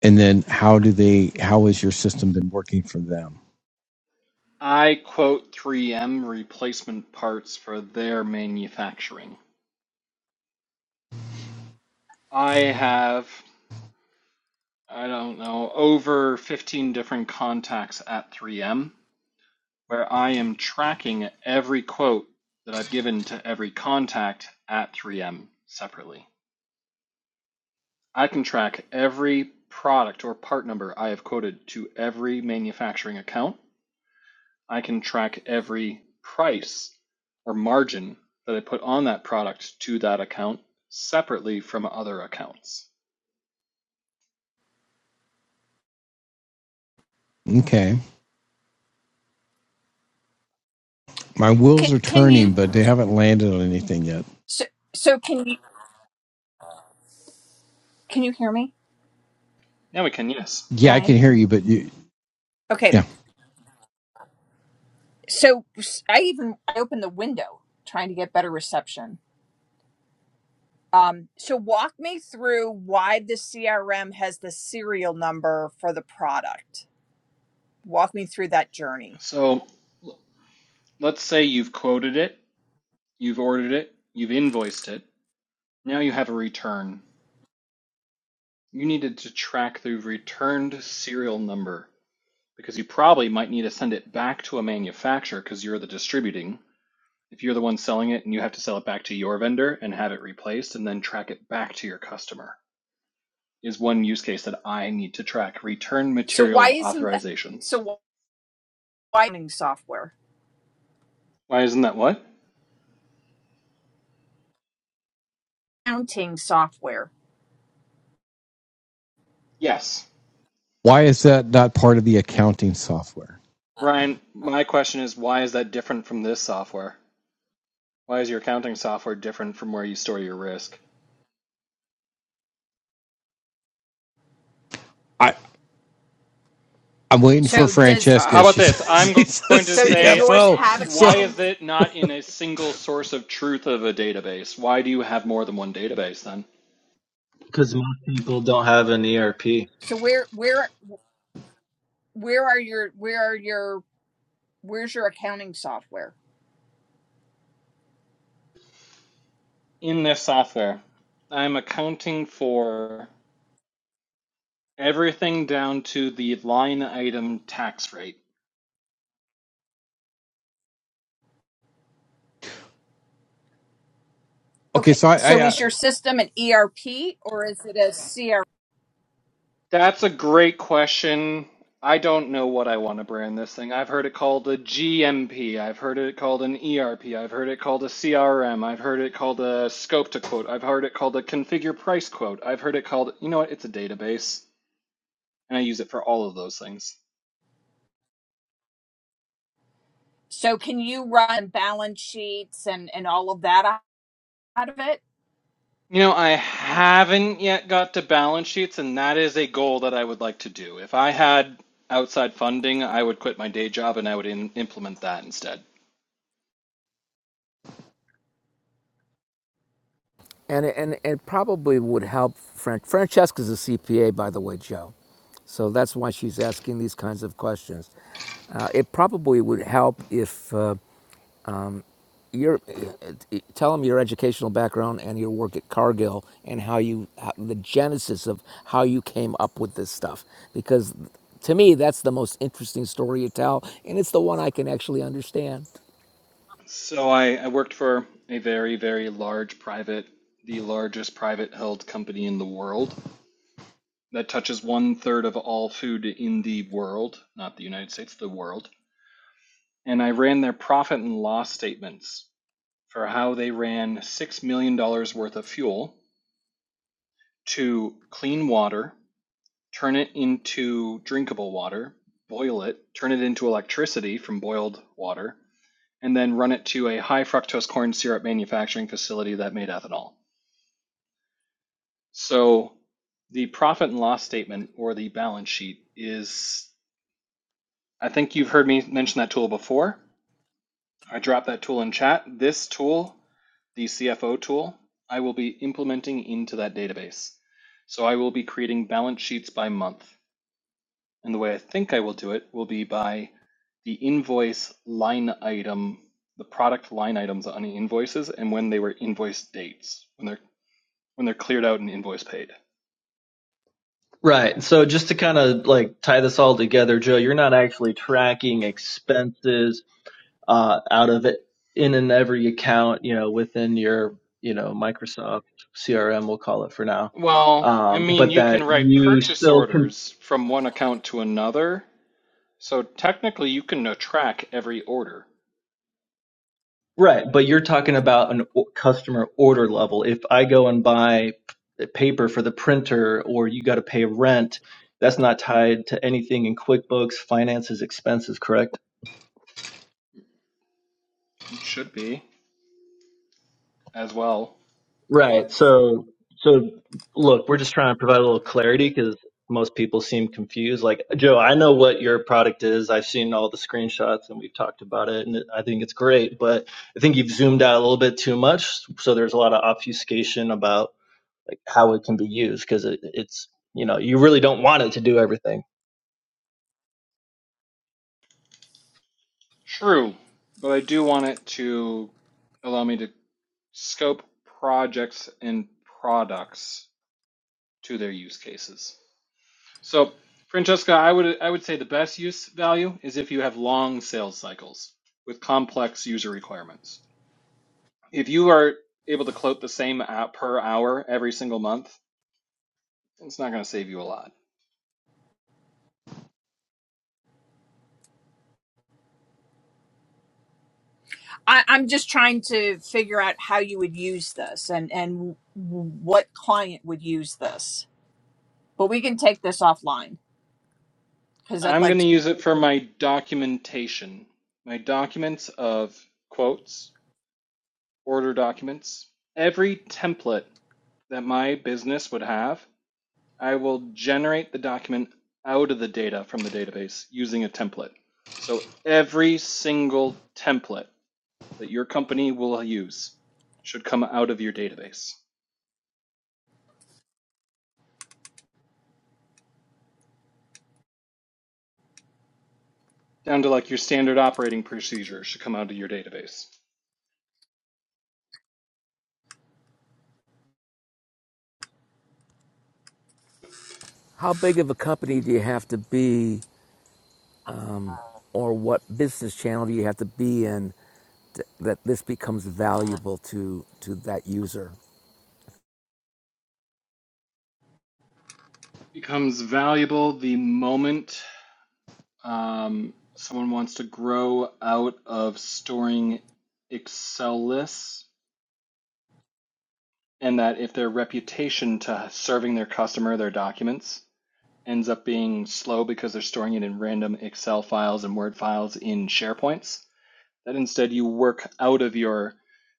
[SPEAKER 1] and then how do they? How has your system been working for them?
[SPEAKER 5] I quote 3M replacement parts for their manufacturing. I have, I don't know, over 15 different contacts at 3M where I am tracking every quote that I've given to every contact at 3M separately. I can track every product or part number I have quoted to every manufacturing account. I can track every price or margin that I put on that product to that account separately from other accounts.
[SPEAKER 1] Okay, my
[SPEAKER 2] can,
[SPEAKER 1] wheels are
[SPEAKER 2] can you
[SPEAKER 1] turning, but they haven't landed on anything yet.
[SPEAKER 2] so, so can you can you hear me
[SPEAKER 5] Now we can, yes.
[SPEAKER 1] Yeah, I
[SPEAKER 2] brian
[SPEAKER 1] can hear you, but you,
[SPEAKER 2] okay
[SPEAKER 1] yeah.
[SPEAKER 2] So I even I opened the window trying to get better reception. Um, so walk me through why the CRM has the serial number for the product. Walk me through that journey.
[SPEAKER 5] So let's say you've quoted it, you've ordered it, you've invoiced it. Now you have a return You needed to track the returned serial number because you probably might need to send it back to a manufacturer because you're the distributing. If you're the one selling it and you have to sell it back to your vendor and have it replaced and then track it back to your customer is one use case that I need to track return
[SPEAKER 2] So why
[SPEAKER 5] material
[SPEAKER 2] isn't that? So
[SPEAKER 5] authorizations.
[SPEAKER 2] why accounting software?
[SPEAKER 5] Why isn't that what?
[SPEAKER 2] Accounting software.
[SPEAKER 5] Yes.
[SPEAKER 1] Why is that not part of the accounting software?
[SPEAKER 5] Brian, my question is why is that different from this software? Why is your accounting software different from where you store your risk?
[SPEAKER 1] I. I'm waiting for
[SPEAKER 2] So does
[SPEAKER 5] Uh, how
[SPEAKER 1] Francesca.
[SPEAKER 5] about
[SPEAKER 1] She's
[SPEAKER 5] this? I'm go-
[SPEAKER 1] she's the
[SPEAKER 5] going to
[SPEAKER 2] so does
[SPEAKER 5] say,
[SPEAKER 2] yours
[SPEAKER 1] CFO.
[SPEAKER 5] uh,
[SPEAKER 2] have
[SPEAKER 1] So
[SPEAKER 5] why
[SPEAKER 2] accounting?
[SPEAKER 5] is it not in a single source of truth of a database? Why do you have more than one database then?
[SPEAKER 4] because most people don't have an ERP.
[SPEAKER 2] So where where where are your where are your where's your accounting software?
[SPEAKER 5] In this software, I'm accounting for everything down to the line item tax rate.
[SPEAKER 1] okay,
[SPEAKER 2] Okay.
[SPEAKER 1] so I,
[SPEAKER 2] So
[SPEAKER 1] I,
[SPEAKER 2] is
[SPEAKER 1] I
[SPEAKER 2] your system an ERP or is it a CRM?
[SPEAKER 5] That's a great question. I don't know what I want to brand this thing. I've heard it called a GMP. I've heard it called an ERP. I've heard it called a CRM. I've heard it called a scope to quote. I've heard it called a configure price quote. I've heard it called, you know what, it's a database. And I use it for all of those things.
[SPEAKER 2] So can you run balance sheets and and all of that out of it?
[SPEAKER 5] You know, I haven't yet got to balance sheets, and that is a goal that I would like to do. If I had outside funding, I would quit my day job and I would in implement that instead.
[SPEAKER 3] And it, and it probably would help. Fran- Francesca's a CPA, by the way, Joe. So that's why she's asking these kinds of questions. Uh, it probably would help if uh, your uh, uh, tell them your educational background and your work at Cargill and how you how, the genesis of how you came up with this stuff. Because to me, that's the most interesting story you tell, and it's the one I can actually understand.
[SPEAKER 5] So I, I worked for a very, very large private, the largest private held company in the world that touches one third of all food in the world, not the United States, the world. And I ran their profit and loss statements for how they ran $6 million dollars worth of fuel to clean water, turn it into drinkable water, boil it, turn it into electricity from boiled water, and then run it to a high fructose corn syrup manufacturing facility that made ethanol. So the profit and loss statement or the balance sheet is, I think you've heard me mention that tool before. I dropped that tool in chat. This tool, the CFO tool, I will be implementing into that database. So I will be creating balance sheets by month. And the way I think I will do it will be by the invoice line item, the product line items on the invoices and when they were invoice dates, when they're when they're cleared out and invoice paid.
[SPEAKER 4] Right. So just to kind of like tie this all together, Joe, you're not actually tracking expenses uh, out of it in and every account, you know, within your you know Microsoft CRM, we'll call it for now.
[SPEAKER 5] Well, I
[SPEAKER 4] Um,
[SPEAKER 5] mean,
[SPEAKER 4] but
[SPEAKER 5] you can
[SPEAKER 4] that
[SPEAKER 5] write
[SPEAKER 4] you
[SPEAKER 5] purchase
[SPEAKER 4] still can.
[SPEAKER 5] orders from one account to another. So technically, you can uh, track every order.
[SPEAKER 4] Right, but you're talking about an o- customer order level. If I go and buy p- paper for the printer or you got to pay rent, that's not tied to anything in QuickBooks, finances, expenses, correct?
[SPEAKER 5] It should be as well.
[SPEAKER 4] Right. So so look, we're just trying to provide a little clarity cuz most people seem confused. Like, Joe, I know what your product is. I've seen all the screenshots and we've talked about it and I think it's great, but I think you've zoomed out a little bit too much, so there's a lot of obfuscation about like how it can be used because it, it's you know you really don't want it to do everything
[SPEAKER 5] True, but I do want it to allow me to scope projects and products to their use cases. So, Francesca, I would I would say the best use value is if you have long sales cycles with complex user requirements. If you are able to quote the same out per hour every single month, it's not going to save you a lot.
[SPEAKER 2] I, I'm just trying to figure out how you would use this and and what client would use this. But we can take this offline because I'd
[SPEAKER 5] I'm
[SPEAKER 2] like
[SPEAKER 5] going to
[SPEAKER 2] to.
[SPEAKER 5] use it for my documentation, my documents of quotes, order documents. Every template that my business would have, I will generate the document out of the data from the database using a template. So every single template that your company will use should come out of your database. down to like your standard operating procedure should come out of your database.
[SPEAKER 3] How big of a company do you have to be, or what business channel do you have to be in that this becomes valuable to to that user.
[SPEAKER 5] Becomes valuable the moment um, someone wants to grow out of storing Excel lists, and that if their reputation to serving their customer their documents ends up being slow because they're storing it in random Excel files and Word files in SharePoints, that instead you work out of your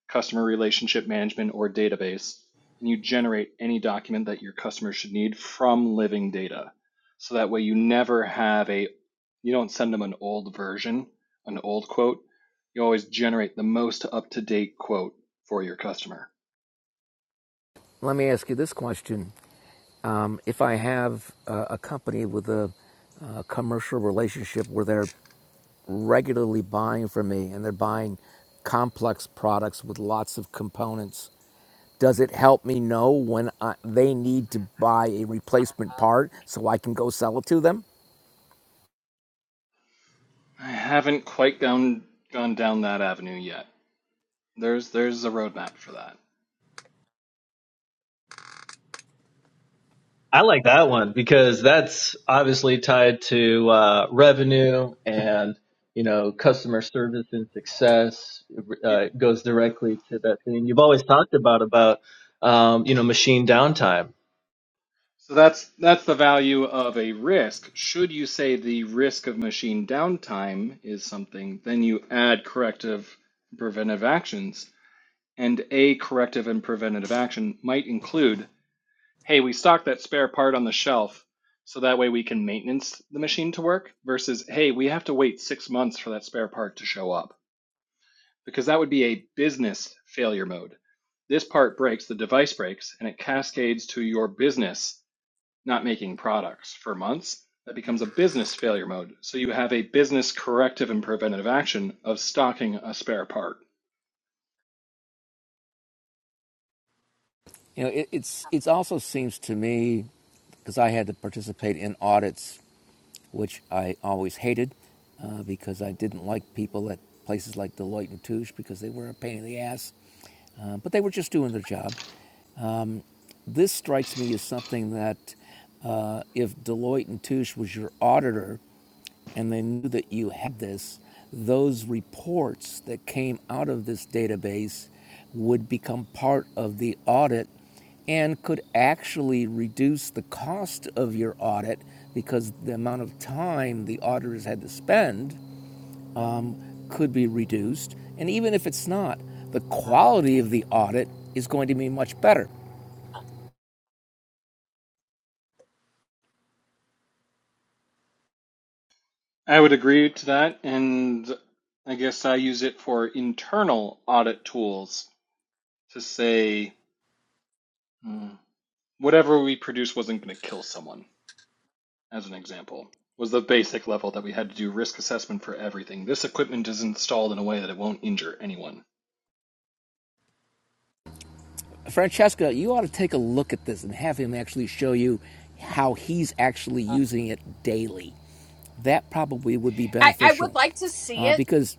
[SPEAKER 5] customer relationship management or database and you generate any document that your customer should need from living data. So that way you never have a, you don't send them an old version, an old quote. You always generate the most up to date quote for your customer.
[SPEAKER 3] Let me ask you this question: um, If I have uh, a company with a, uh commercial relationship where they're regularly buying from me and they're buying complex products with lots of components, does it help me know when I, they need to buy a replacement part so I can go sell it to them?
[SPEAKER 5] I haven't quite gone, gone down that avenue yet. There's, there's a roadmap for that.
[SPEAKER 4] I like that one because that's obviously tied to uh, revenue and you know customer service and success
[SPEAKER 5] It,
[SPEAKER 4] uh, goes directly to that thing you've always talked about about um, you know machine downtime
[SPEAKER 5] So that's that's the value of a risk. Should you say the risk of machine downtime is something, then you add corrective and preventative actions. And a corrective and preventative action might include, hey, we stock that spare part on the shelf so that way we can maintenance the machine to work versus, hey, we have to wait six months for that spare part to show up. Because that would be a business failure mode. This part breaks, the device breaks, and it cascades to your business not making products for months, that becomes a business failure mode. So you have a business corrective and preventative action of stocking a spare part.
[SPEAKER 3] You know, it, it's it also seems to me because I had to participate in audits which I always hated uh, because I didn't like people at places like Deloitte and Touche because they were a pain in the ass. Uh, but they were just doing their job. This strikes me as something that uh, if Deloitte and Touche was your auditor and they knew that you had this, those reports that came out of this database would become part of the audit and could actually reduce the cost of your audit because the amount of time the auditors had to spend could be reduced. And even if it's not, the quality of the audit is going to be much better.
[SPEAKER 5] I would agree to that, and I guess I use it for internal audit tools to say hmm, whatever we produced wasn't going to kill someone, as an example. Was the basic level that we had to do risk assessment for everything. This equipment is installed in a way that it won't injure anyone
[SPEAKER 3] Francesca, you ought to take a look at this and have him actually show you how he's actually using it daily. That probably would be
[SPEAKER 2] I, I would
[SPEAKER 3] beneficial
[SPEAKER 2] like to see
[SPEAKER 3] uh,
[SPEAKER 2] it.
[SPEAKER 3] because,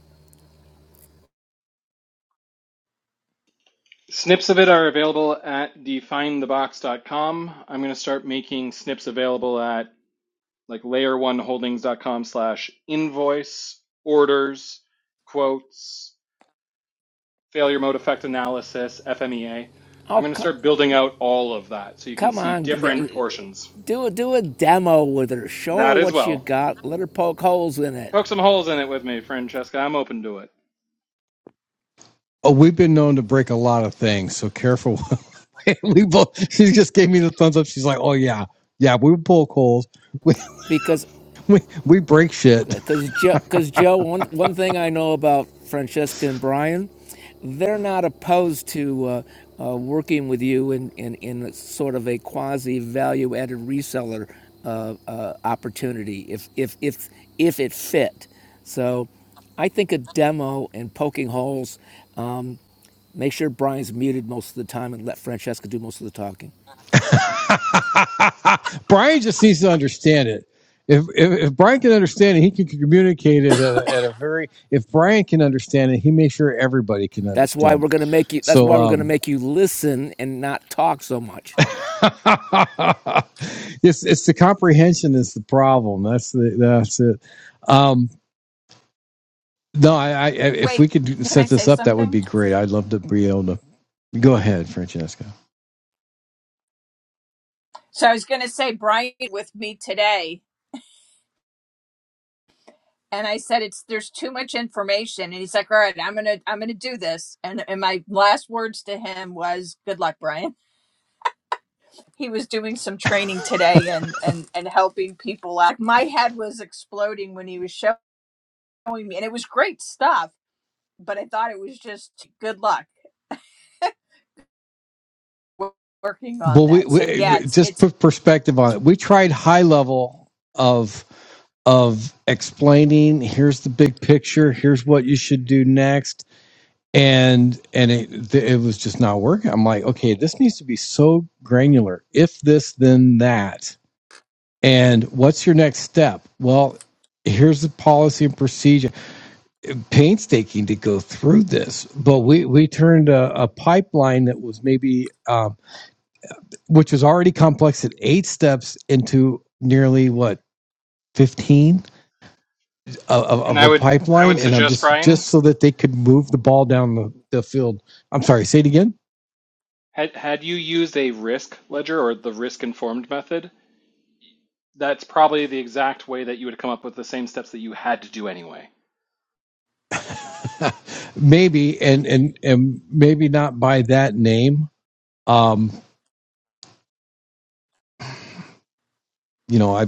[SPEAKER 5] Snips of it are available at definethebox.com. I'm going to start making snips available at like layer1holdings.com slash invoice, orders, quotes, failure mode effect analysis, FMEA. I'm
[SPEAKER 3] oh,
[SPEAKER 5] going to
[SPEAKER 3] co-
[SPEAKER 5] start building out all of that so you can
[SPEAKER 3] come
[SPEAKER 5] see
[SPEAKER 3] on,
[SPEAKER 5] different portions.
[SPEAKER 3] do a, do a demo with her. Show her
[SPEAKER 5] That as
[SPEAKER 3] what you
[SPEAKER 5] well.
[SPEAKER 3] got. Let her poke holes in it
[SPEAKER 5] Poke some holes in it with me, Francesca. I'm open to it.
[SPEAKER 1] oh, we've been known to break a lot of things. So careful. we both. She just gave me the thumbs up. She's like, oh yeah, yeah. We pull coals. We
[SPEAKER 3] because
[SPEAKER 1] we we break shit.
[SPEAKER 3] because Joe, because Joe, one one thing I know about Francesca and Brian, they're not opposed to uh, uh, working with you in in in sort of a quasi value added reseller uh, uh, opportunity if if if if it fit. So, I think a demo and poking holes. Um, make sure Brian's muted most of the time and let Francesca do most of the talking.
[SPEAKER 1] Brian just needs to understand it. If, if if Brian can understand it, he can communicate it at a, at a very. If Brian can understand it, he makes sure everybody can
[SPEAKER 3] That's why
[SPEAKER 1] understand
[SPEAKER 3] we're
[SPEAKER 1] it.
[SPEAKER 3] gonna make you. That's
[SPEAKER 1] So
[SPEAKER 3] why we're
[SPEAKER 1] um,
[SPEAKER 3] gonna make you listen and not talk so much.
[SPEAKER 1] it's it's the comprehension is the problem. That's the that's it. Um, no, I, I if
[SPEAKER 2] Wait,
[SPEAKER 1] we could
[SPEAKER 2] can
[SPEAKER 1] set
[SPEAKER 2] I
[SPEAKER 1] this
[SPEAKER 2] say
[SPEAKER 1] up, that would
[SPEAKER 2] something?
[SPEAKER 1] be great. I'd love to be able to go ahead, Francesca.
[SPEAKER 2] So I was going to say Brian with me today, and I said it's there's too much information, and he's like, "All right, I'm gonna I'm gonna do this." And and my last words to him was, "Good luck, Brian." he was doing some training today and and and helping people out. My head was exploding when he was showing me, and it was great stuff. But I thought it was just good luck working on
[SPEAKER 1] Well, we,
[SPEAKER 2] that. So
[SPEAKER 1] we
[SPEAKER 2] yeah,
[SPEAKER 1] we-
[SPEAKER 2] it's
[SPEAKER 1] just
[SPEAKER 2] it's
[SPEAKER 1] put perspective on it. We tried high level of of explaining. Here's the big picture. Here's what you should do next. And and it it was just not working. I'm like, okay, this needs to be so granular. If this, then that And what's your next step? Well, here's the policy and procedure. Painstaking to go through this, but we we turned a, a pipeline that was maybe um, which was already complex at eight steps into nearly what. 15 of, of
[SPEAKER 5] And I
[SPEAKER 1] a
[SPEAKER 5] would I would
[SPEAKER 1] pipeline and i'm
[SPEAKER 5] suggest,
[SPEAKER 1] just just
[SPEAKER 5] Brian,
[SPEAKER 1] so that they could move the ball down the, the field i'm sorry say it again
[SPEAKER 5] had had you used a risk ledger or the risk informed method, That's probably the exact way that you would come up with the same steps that you had to do anyway.
[SPEAKER 1] maybe and and and maybe not by that name um you know, I,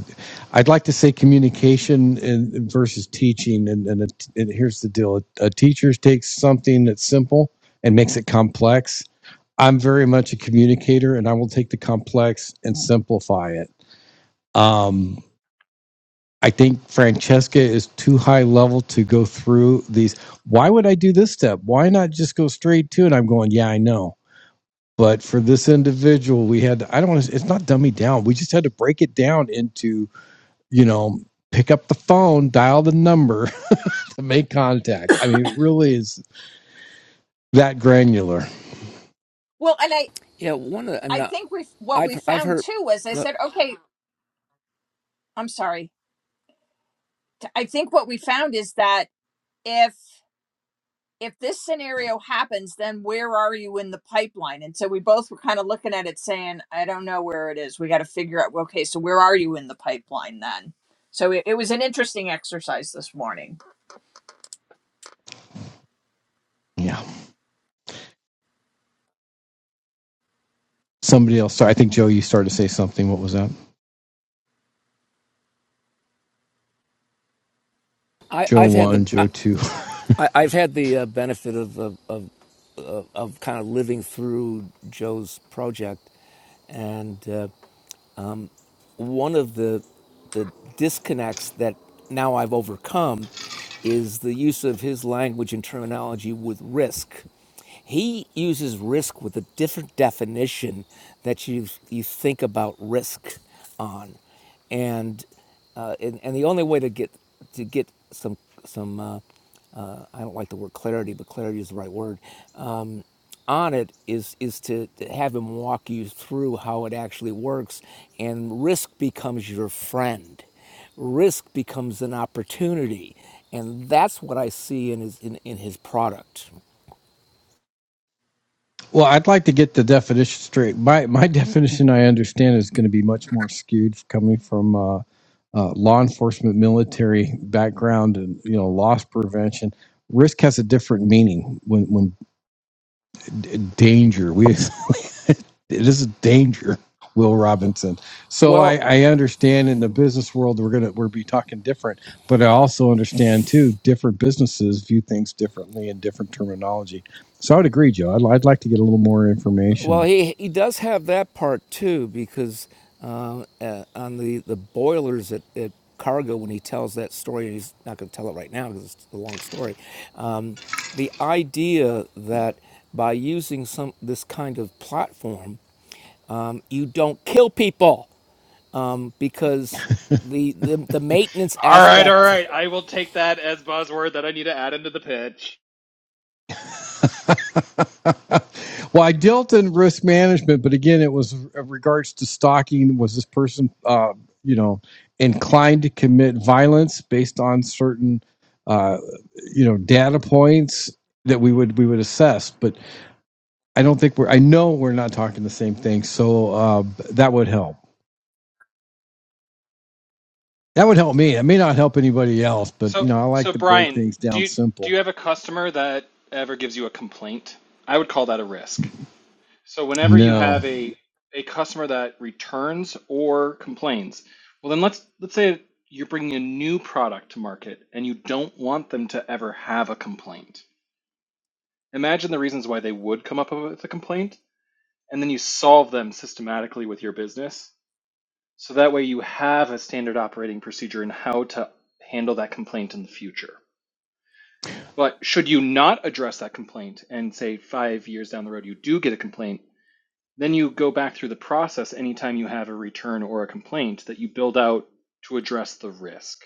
[SPEAKER 1] I'd like to say communication and versus teaching. And, and, it, and here's the deal: a teacher takes something that's simple and makes it complex. I'm very much a communicator, and I will take the complex and simplify it. Um, I think Francesca is too high level to go through these. Why would I do this step? Why not just go straight to it? I'm going, yeah, I know. But for this individual, we had, to, I don't want to, it's not dummy down. We just had to break it down into you know, pick up the phone, dial the number to make contact. I mean, it really is that granular.
[SPEAKER 2] well, and I
[SPEAKER 3] Yeah, one of the, I'm
[SPEAKER 2] I
[SPEAKER 3] not.
[SPEAKER 2] think we what we
[SPEAKER 3] I've I've
[SPEAKER 2] found
[SPEAKER 3] heard.
[SPEAKER 2] too was I
[SPEAKER 3] Look,
[SPEAKER 2] said okay, I'm sorry. I think what we found is that if. if this scenario happens, then where are you in the pipeline? And so we both were kind of looking at it saying, I don't know where it is. We got to figure out, okay, so where are you in the pipeline then? So it, it was an interesting exercise this morning.
[SPEAKER 1] Yeah. Somebody else. Sorry, I think Joe, you started to say something. What was that?
[SPEAKER 3] I
[SPEAKER 1] Joe
[SPEAKER 3] I've had the
[SPEAKER 1] one,
[SPEAKER 3] I,
[SPEAKER 1] Joe two.
[SPEAKER 3] I- have had the uh, benefit of of of, of of kind of living through Joe's project, and. Uh, one of the the disconnects that now I've overcome is the use of his language and terminology with risk. He uses risk with a different definition that you you think about risk on, and uh, and, and the only way to get to get some some uh, uh, I don't like the word clarity, but clarity is the right word. Um, on it is is to, to have him walk you through how it actually works, and risk becomes your friend. Risk becomes an opportunity, and that's what I see in his in, in his product.
[SPEAKER 1] Well, I'd like to get the definition straight. My my definition, I understand, is going to be much more skewed coming from uh, uh, law enforcement, military background, and you know, loss prevention. Risk has a different meaning when when d- danger. We it is a danger will robinson so
[SPEAKER 3] Well,
[SPEAKER 1] i i understand in the business world we're gonna we are be talking different but i also understand too different businesses view things differently and different terminology so i would agree joe i'd, I'd like to get a little more
[SPEAKER 3] Well,
[SPEAKER 1] information
[SPEAKER 3] he he does have that part too, because uh, uh, on the the boilers at, at Cargo, when he tells that story, and he's not going to tell it right now because it's a long story. Um, the idea that by using some this kind of platform, um, you don't kill people um, because the, the the maintenance
[SPEAKER 5] All right, all
[SPEAKER 3] aspect.
[SPEAKER 5] right. I will take that as buzzword that I need to add into the pitch.
[SPEAKER 1] well i dealt in risk management but again it was in regards to stalking was this person uh you know inclined to commit violence based on certain uh you know data points that we would we would assess but I don't think we're. I know we're not talking the same thing, so uh, that would help. That would help me. It may not help anybody else, but
[SPEAKER 5] So,
[SPEAKER 1] you know, I like
[SPEAKER 5] so
[SPEAKER 1] to break
[SPEAKER 5] Brian,
[SPEAKER 1] things
[SPEAKER 5] do
[SPEAKER 1] down
[SPEAKER 5] you, do
[SPEAKER 1] simple.
[SPEAKER 5] you have a customer that ever gives you a complaint? I would call that a risk. So, whenever you
[SPEAKER 1] No,
[SPEAKER 5] have a a customer that returns or complains, well, then let's let's say you're bringing a new product to market and you don't want them to ever have a complaint. Imagine the reasons why they would come up with a complaint, and then you solve them systematically with your business. So that way you have a standard operating procedure in how to handle that complaint in the future. But should you not address that complaint and say five years down the road you do get a complaint, then you go back through the process anytime you have a return or a complaint that you build out to address the risk.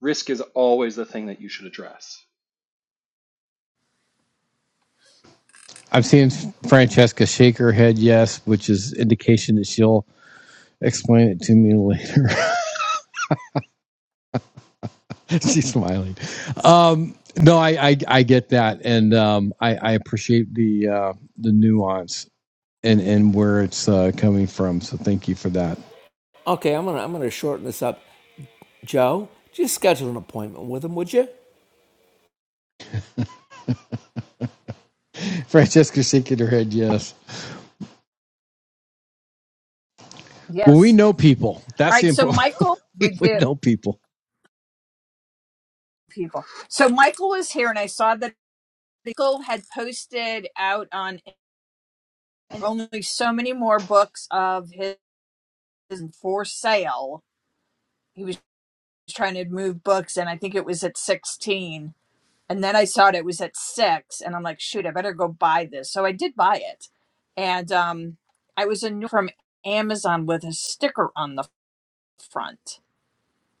[SPEAKER 5] Risk is always the thing that you should address.
[SPEAKER 1] I've seen Francesca shake her head yes, which is indication that she'll explain it to me later. She's smiling. Um, no, I, I I get that, and um, I, I appreciate the uh, the nuance and and where it's uh, coming from. So thank you for that.
[SPEAKER 3] Okay, I'm gonna I'm gonna shorten this up. Joe, just schedule an appointment with him, would you?
[SPEAKER 1] Francesca shaking her head yes. Well, we
[SPEAKER 2] Yes.
[SPEAKER 1] know people.
[SPEAKER 2] All
[SPEAKER 1] That's the
[SPEAKER 2] right. So
[SPEAKER 1] important.
[SPEAKER 2] Michael,
[SPEAKER 1] we
[SPEAKER 2] we do
[SPEAKER 1] know people,
[SPEAKER 2] people. So Michael was here and I saw that Michael had posted out on only so many more books of his for sale. He was trying to move books and I think it was at 16 And then I saw it, it was at six, and I'm like, shoot, I better go buy this. So I did buy it. And um, I was a new from Amazon with a sticker on the front.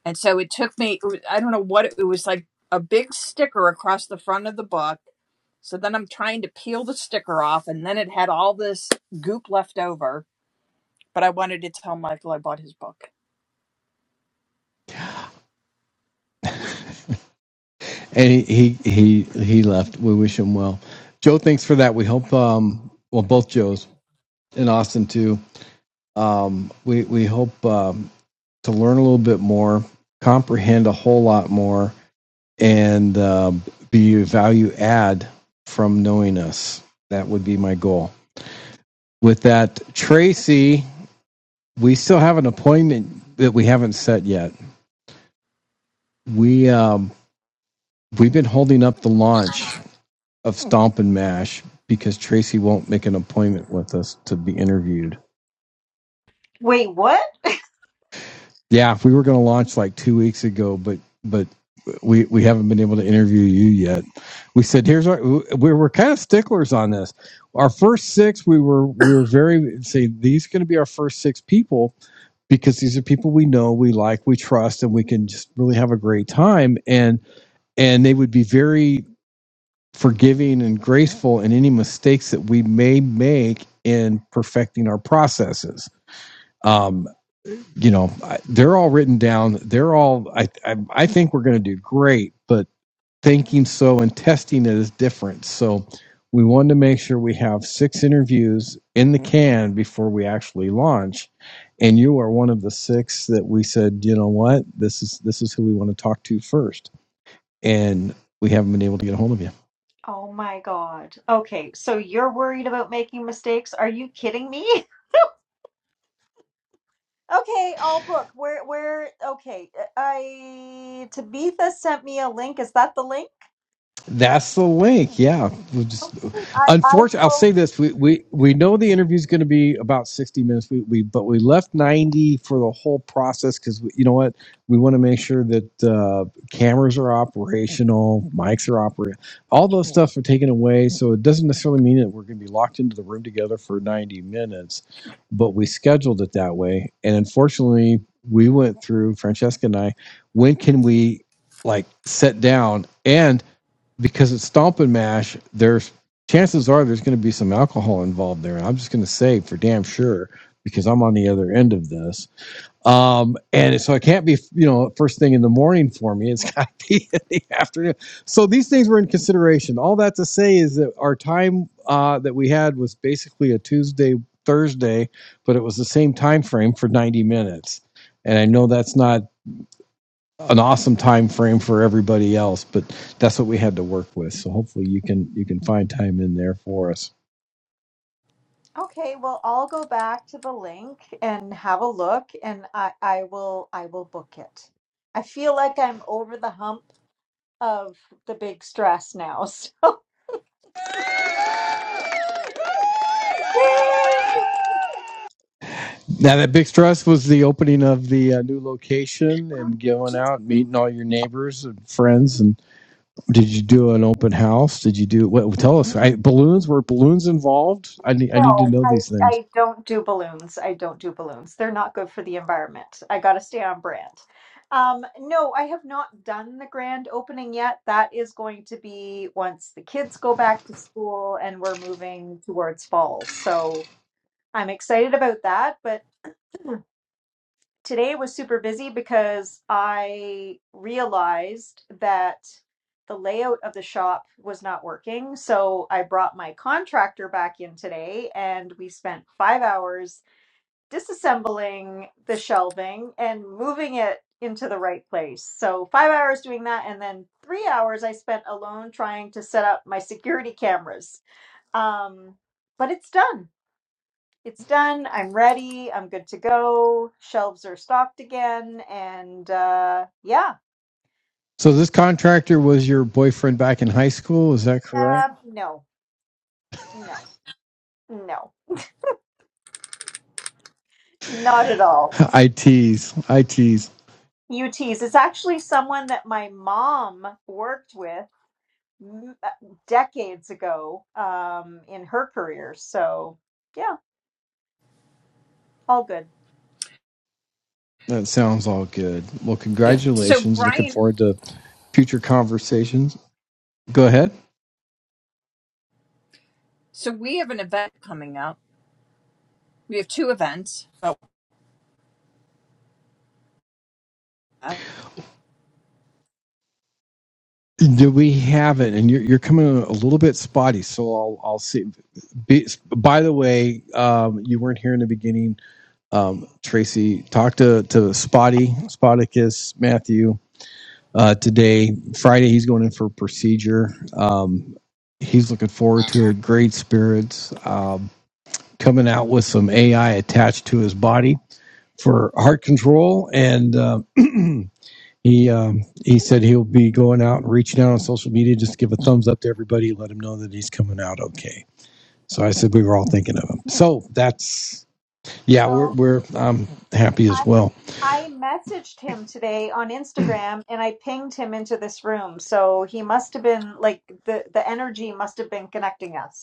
[SPEAKER 2] And so it took me, it was- I don't know what it, it was like a big sticker across the front of the book. So then I'm trying to peel the sticker off, and then it had all this goop left over. But I wanted to tell Michael I bought his book.
[SPEAKER 1] and he he he he left. We wish him well. Joe, thanks for that. We hope. Um, well, both Joes and Austin too. Um, we we hope um, to learn a little bit more, comprehend a whole lot more, and um be a value add from knowing us. That would be my goal. With that, Tracy, we still have an appointment that we haven't set yet. We um, We've been holding up the launch of Stomp and Mash because Tracy won't make an appointment with us to be interviewed.
[SPEAKER 6] Wait, what?
[SPEAKER 1] Yeah, we were going to launch like two weeks ago, but but we we haven't been able to interview you yet. We said here's our we were kind of sticklers on this. Our first six, we were we were very say these are going to be our first six people because these are people we know, we like, we trust, and we can just really have a great time. And and they would be very forgiving and graceful in any mistakes that we may make in perfecting our processes. Um, you know, they're all written down. They're all. I I, I think we're going to do great, but thinking so and testing it is different. So we wanted to make sure we have six interviews in the can before we actually launch. And you are one of the six that we said, you know what, this is this is who we want to talk to first, and we haven't been able to get a hold of you.
[SPEAKER 6] Oh my God. Okay, so you're worried about making mistakes? Are you kidding me? Okay, I'll book. Where, where, okay. I, Tabitha sent me a link. Is that the link?
[SPEAKER 1] That's the link. Yeah. We'll just,
[SPEAKER 6] Okay, I, I
[SPEAKER 1] unfortunately, I'll
[SPEAKER 6] will.
[SPEAKER 1] say this: we we, we know the interview is going to be about sixty minutes. We, we but we left ninety for the whole process because you know what? We want to make sure that uh, cameras are operational, mics are operating, all those stuff are taken away. So it doesn't necessarily mean that we're going to be locked into the room together for ninety minutes, but we scheduled it that way. And unfortunately, we went through Francesca and I. When can we like sit down and? because it's Stomp and Mash, there's chances are there's going to be some alcohol involved there. And I'm just going to say for damn sure because I'm on the other end of this. Um, and so it can't be, you know, first thing in the morning for me. It's got to be in the afternoon. So these things were in consideration. All that to say is that our time uh, that we had was basically a Tuesday, Thursday, but it was the same time frame for 90 minutes. And I know that's not an awesome time frame for everybody else but that's what we had to work with so hopefully you can you can find time in there for us
[SPEAKER 6] Okay, well, I'll go back to the link and have a look and I, I will, I will book it. I feel like I'm over the hump of the big stress now, so. Woo!
[SPEAKER 1] now that big stress was the opening of the uh, new location and going out meeting all your neighbors and friends and did you do an open house did you do what tell us I, balloons were balloons involved i need i need to
[SPEAKER 6] No,
[SPEAKER 1] know
[SPEAKER 6] I,
[SPEAKER 1] these things
[SPEAKER 6] I don't do balloons. I don't do balloons. They're not good for the environment. I got to stay on brand. Um, no, I have not done the grand opening yet. That is going to be once the kids go back to school and we're moving towards fall. So I'm excited about that, but today was super busy because I realized that the layout of the shop was not working. So I brought my contractor back in today and we spent five hours disassembling the shelving and moving it into the right place. So five hours doing that. And then three hours I spent alone trying to set up my security cameras. Um, but it's done it's done. I'm ready. I'm good to go. Shelves are stocked again. And uh, yeah,
[SPEAKER 1] so this contractor was your boyfriend back in high school is that correct
[SPEAKER 6] um, no, no, no, not at all.
[SPEAKER 1] i tease i tease
[SPEAKER 6] UTs. It's actually someone that my mom worked with m- uh, decades ago um, in her career. So yeah, all good.
[SPEAKER 1] that sounds all good well
[SPEAKER 3] Yeah.
[SPEAKER 2] So,
[SPEAKER 1] congratulations looking
[SPEAKER 2] Brian,
[SPEAKER 1] forward to future conversations. Go ahead.
[SPEAKER 2] so we have an event coming up. We have two events, Oh, uh,
[SPEAKER 1] Do we have it? And you're, you're coming in a little bit spotty, so I'll I'll see. Be, by the way, um, you weren't here in the beginning. Um, Tracy talked to to Spotty Spotticus Matthew uh, today. Friday, he's going in for procedure. Um, he's looking forward to it. Great spirits. Um, coming out with some AI attached to his body for heart control and. Um, He um, he said he'll be going out and reaching out on social media just give a thumbs up to everybody, let him know that he's coming out okay. So I said we were all thinking of him. So that's yeah, we're
[SPEAKER 6] Oh,
[SPEAKER 1] we're I'm happy
[SPEAKER 6] I,
[SPEAKER 1] as well.
[SPEAKER 6] I messaged him today on Instagram and I pinged him into this room. So he must have been like the, the energy must have been connecting us.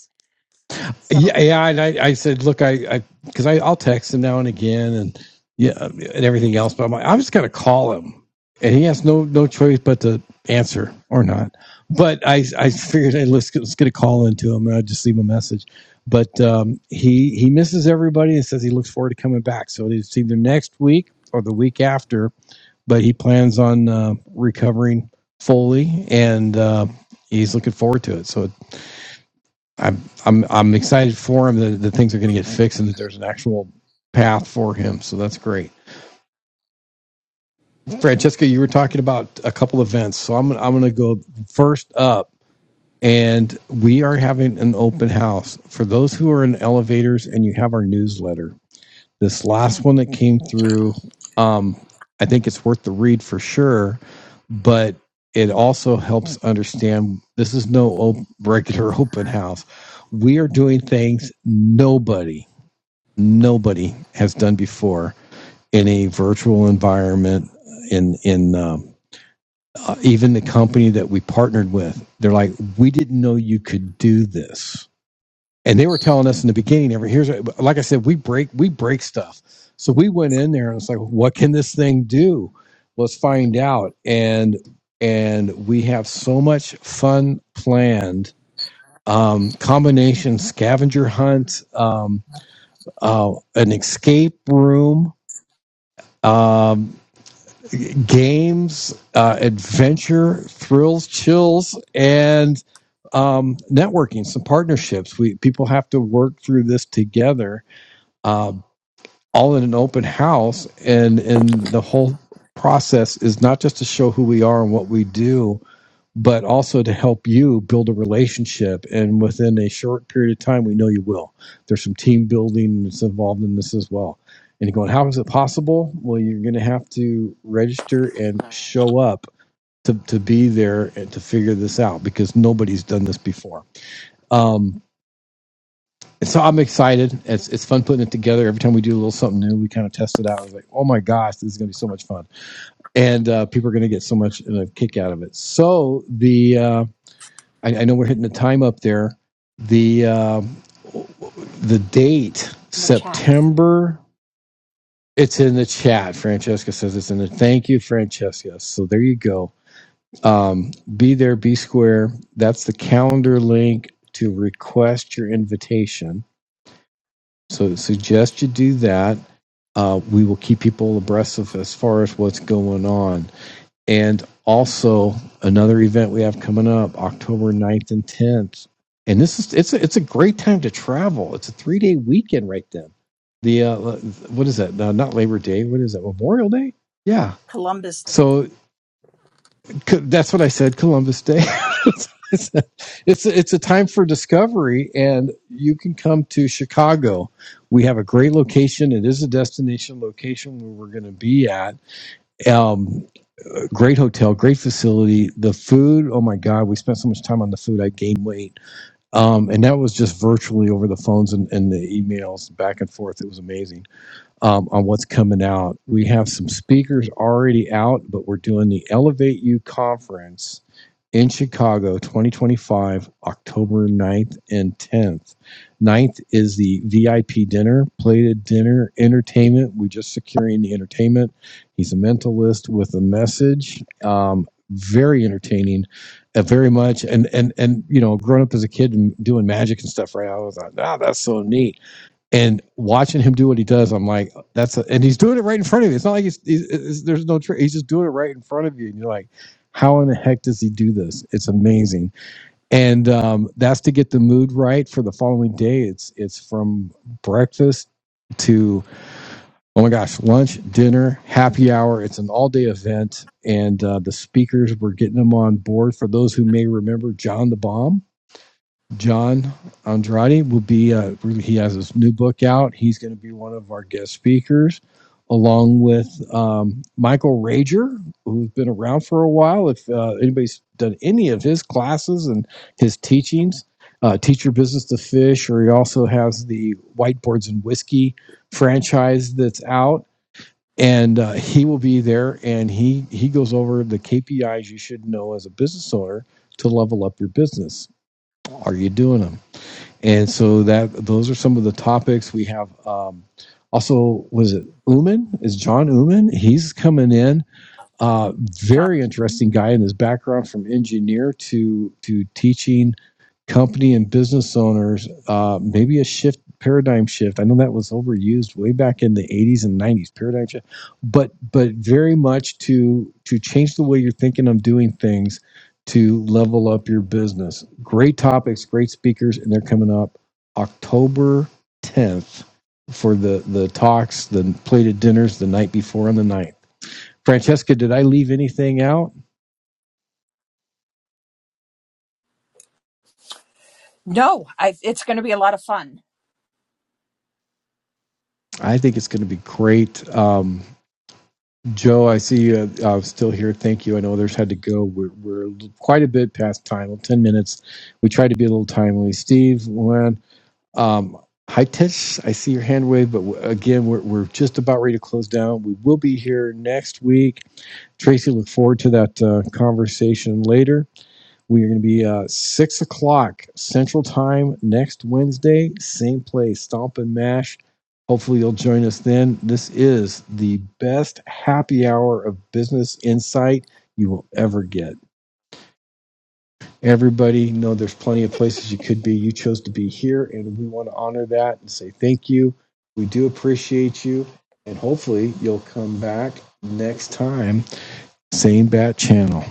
[SPEAKER 6] So
[SPEAKER 1] Yeah, yeah. And I, I said, look, I, I, because I, I, I'll text him now and again, and yeah, and everything else. But I'm like, I'm just gonna call him, and he has no no choice but to answer or not. But I, I figured, hey, let's let's get a call into him, and I just leave a message. But um, he he misses everybody and says he looks forward to coming back. So it's either next week or the week after. But he plans on uh, recovering fully, and uh, he's looking forward to it. So I'm I'm I'm excited for him that, the things are going to get fixed and that there's an actual path for him. So that's great. Francesca, you were talking about a couple events, so I'm I'm going to go first up, and we are having an open house for those who are in elevators and you have our newsletter. This last one that came through, um, I think it's worth the read for sure, but it also helps understand this is no op- regular open house. We are doing things nobody nobody has done before in a virtual environment in in um, uh, even the company that we partnered with they're like we didn't know you could do this and they were telling us in the beginning every here's like i said we break we break stuff so we went in there and it's like what can this thing do let's find out and and we have so much fun planned um combination scavenger hunt um uh, an escape room um, games, uh, adventure, thrills, chills, and um, networking. Some partnerships. We people have to work through this together, um, all in an open house, and and the whole process is not just to show who we are and what we do, but also to help you build a relationship. And within a short period of time, we know you will. There's some team building that's involved in this as well. And you're going, how is it possible? Well, you're going to have to register and show up to, to be there and to figure this out because nobody's done this before. Um, and so I'm excited. It's, it's fun putting it together. Every time we do a little something new, we kind of test it out. I was like, oh my gosh, this is going to be so much fun. And uh, people are going to get so much of a kick out of it. So the. Uh, I, I know we're hitting the time up there. The uh, the date
[SPEAKER 2] in the chat
[SPEAKER 1] September. It's in the chat. Francesca says it's in the. Thank you, Francesca. So there you go. Um, be there, be square. That's the calendar link to request your invitation. So I suggest you do that. Uh, we will keep people abreast of as far as what's going on. And also another event we have coming up October ninth and 10th. And this is it's a, it's a great time to travel. It's a 3-day weekend right then. The uh, what is that? No, not Labor Day. What is that? Memorial Day? Yeah.
[SPEAKER 2] Columbus
[SPEAKER 1] So that's what I said Columbus Day. it's a, it's a it's a time for discovery and you can come to Chicago. We have a great location. It is a destination location where we're going to be at. Um, Great hotel, great facility. The food, oh my God, we spent so much time on the food. I gained weight. Um, and that was just virtually over the phones and, and the emails back and forth. It was amazing um, on what's coming out. We have some speakers already out, but we're doing the Elevate You conference in Chicago 2025, October 9th and 10th. 9th is the VIP dinner, plated dinner, entertainment. We're just securing the entertainment. He's a mentalist with a message. Um, very entertaining, uh, very much. And and and you know, growing up as a kid and doing magic and stuff, right? I was like, ah, that's so neat and watching him do what he does, I'm like, that's a, and he's doing it right in front of you. It's not like he's, he's, it's- there's no trick. He's just doing it right in front of you, and you're like, how in the heck does he do this? It's amazing. And um, that's to get the mood right for the following day. It's it's from breakfast to oh my gosh, lunch, dinner, happy hour. It's an all day event, and uh, the speakers we're getting them on board. For those who may remember John the Bomb, John Andrade will be. Uh, really, he has his new book out. He's going to be one of our guest speakers, along with um, Michael Rager, who's been around for a while. If uh, anybody's done any of his classes and his teachings, uh, Teach Your Business to Fish, or he also has the Whiteboards and Whiskey franchise that's out. And uh, he will be there, and he he goes over the KPIs you should know as a business owner to level up your business. Are you doing them? and so that those are some of the topics we have. Um, also, was it Uman? Is John Uman? He's coming in uh,
[SPEAKER 2] John.
[SPEAKER 1] very interesting guy in his background from engineer to to teaching company and business owners uh, maybe a shift paradigm shift. I know that was overused way back in the 80s and 90s paradigm shift, but but very much to to change the way you're thinking of doing things to level up your business. Great topics, great speakers, and they're coming up October 10th for the the talks, the plated dinners the night before and the 9th. Francesca, did I leave anything out?
[SPEAKER 2] No, I, it's going to be a lot of fun.
[SPEAKER 1] I think it's going to be great. Um, Joe, I see you uh, still here. Thank you. I know others had to go. We're, we're quite a bit past time, 10 minutes. We tried to be a little timely. Steve, Luann, um, hi, Tish. I see your hand wave, but w- again, we're, we're just about ready to close down. We will be here next week. Tracy, look forward to that uh, conversation later. We are going to be uh, six o'clock Central Time next Wednesday, same place, Stomp and Mash. Hopefully, you'll join us then. This is the best happy hour of business insight you will ever get. Everybody, know there's plenty of places you could be. You chose to be here, and we want to honor that and say thank you. We do appreciate you, and hopefully, you'll come back next time. Same bat channel.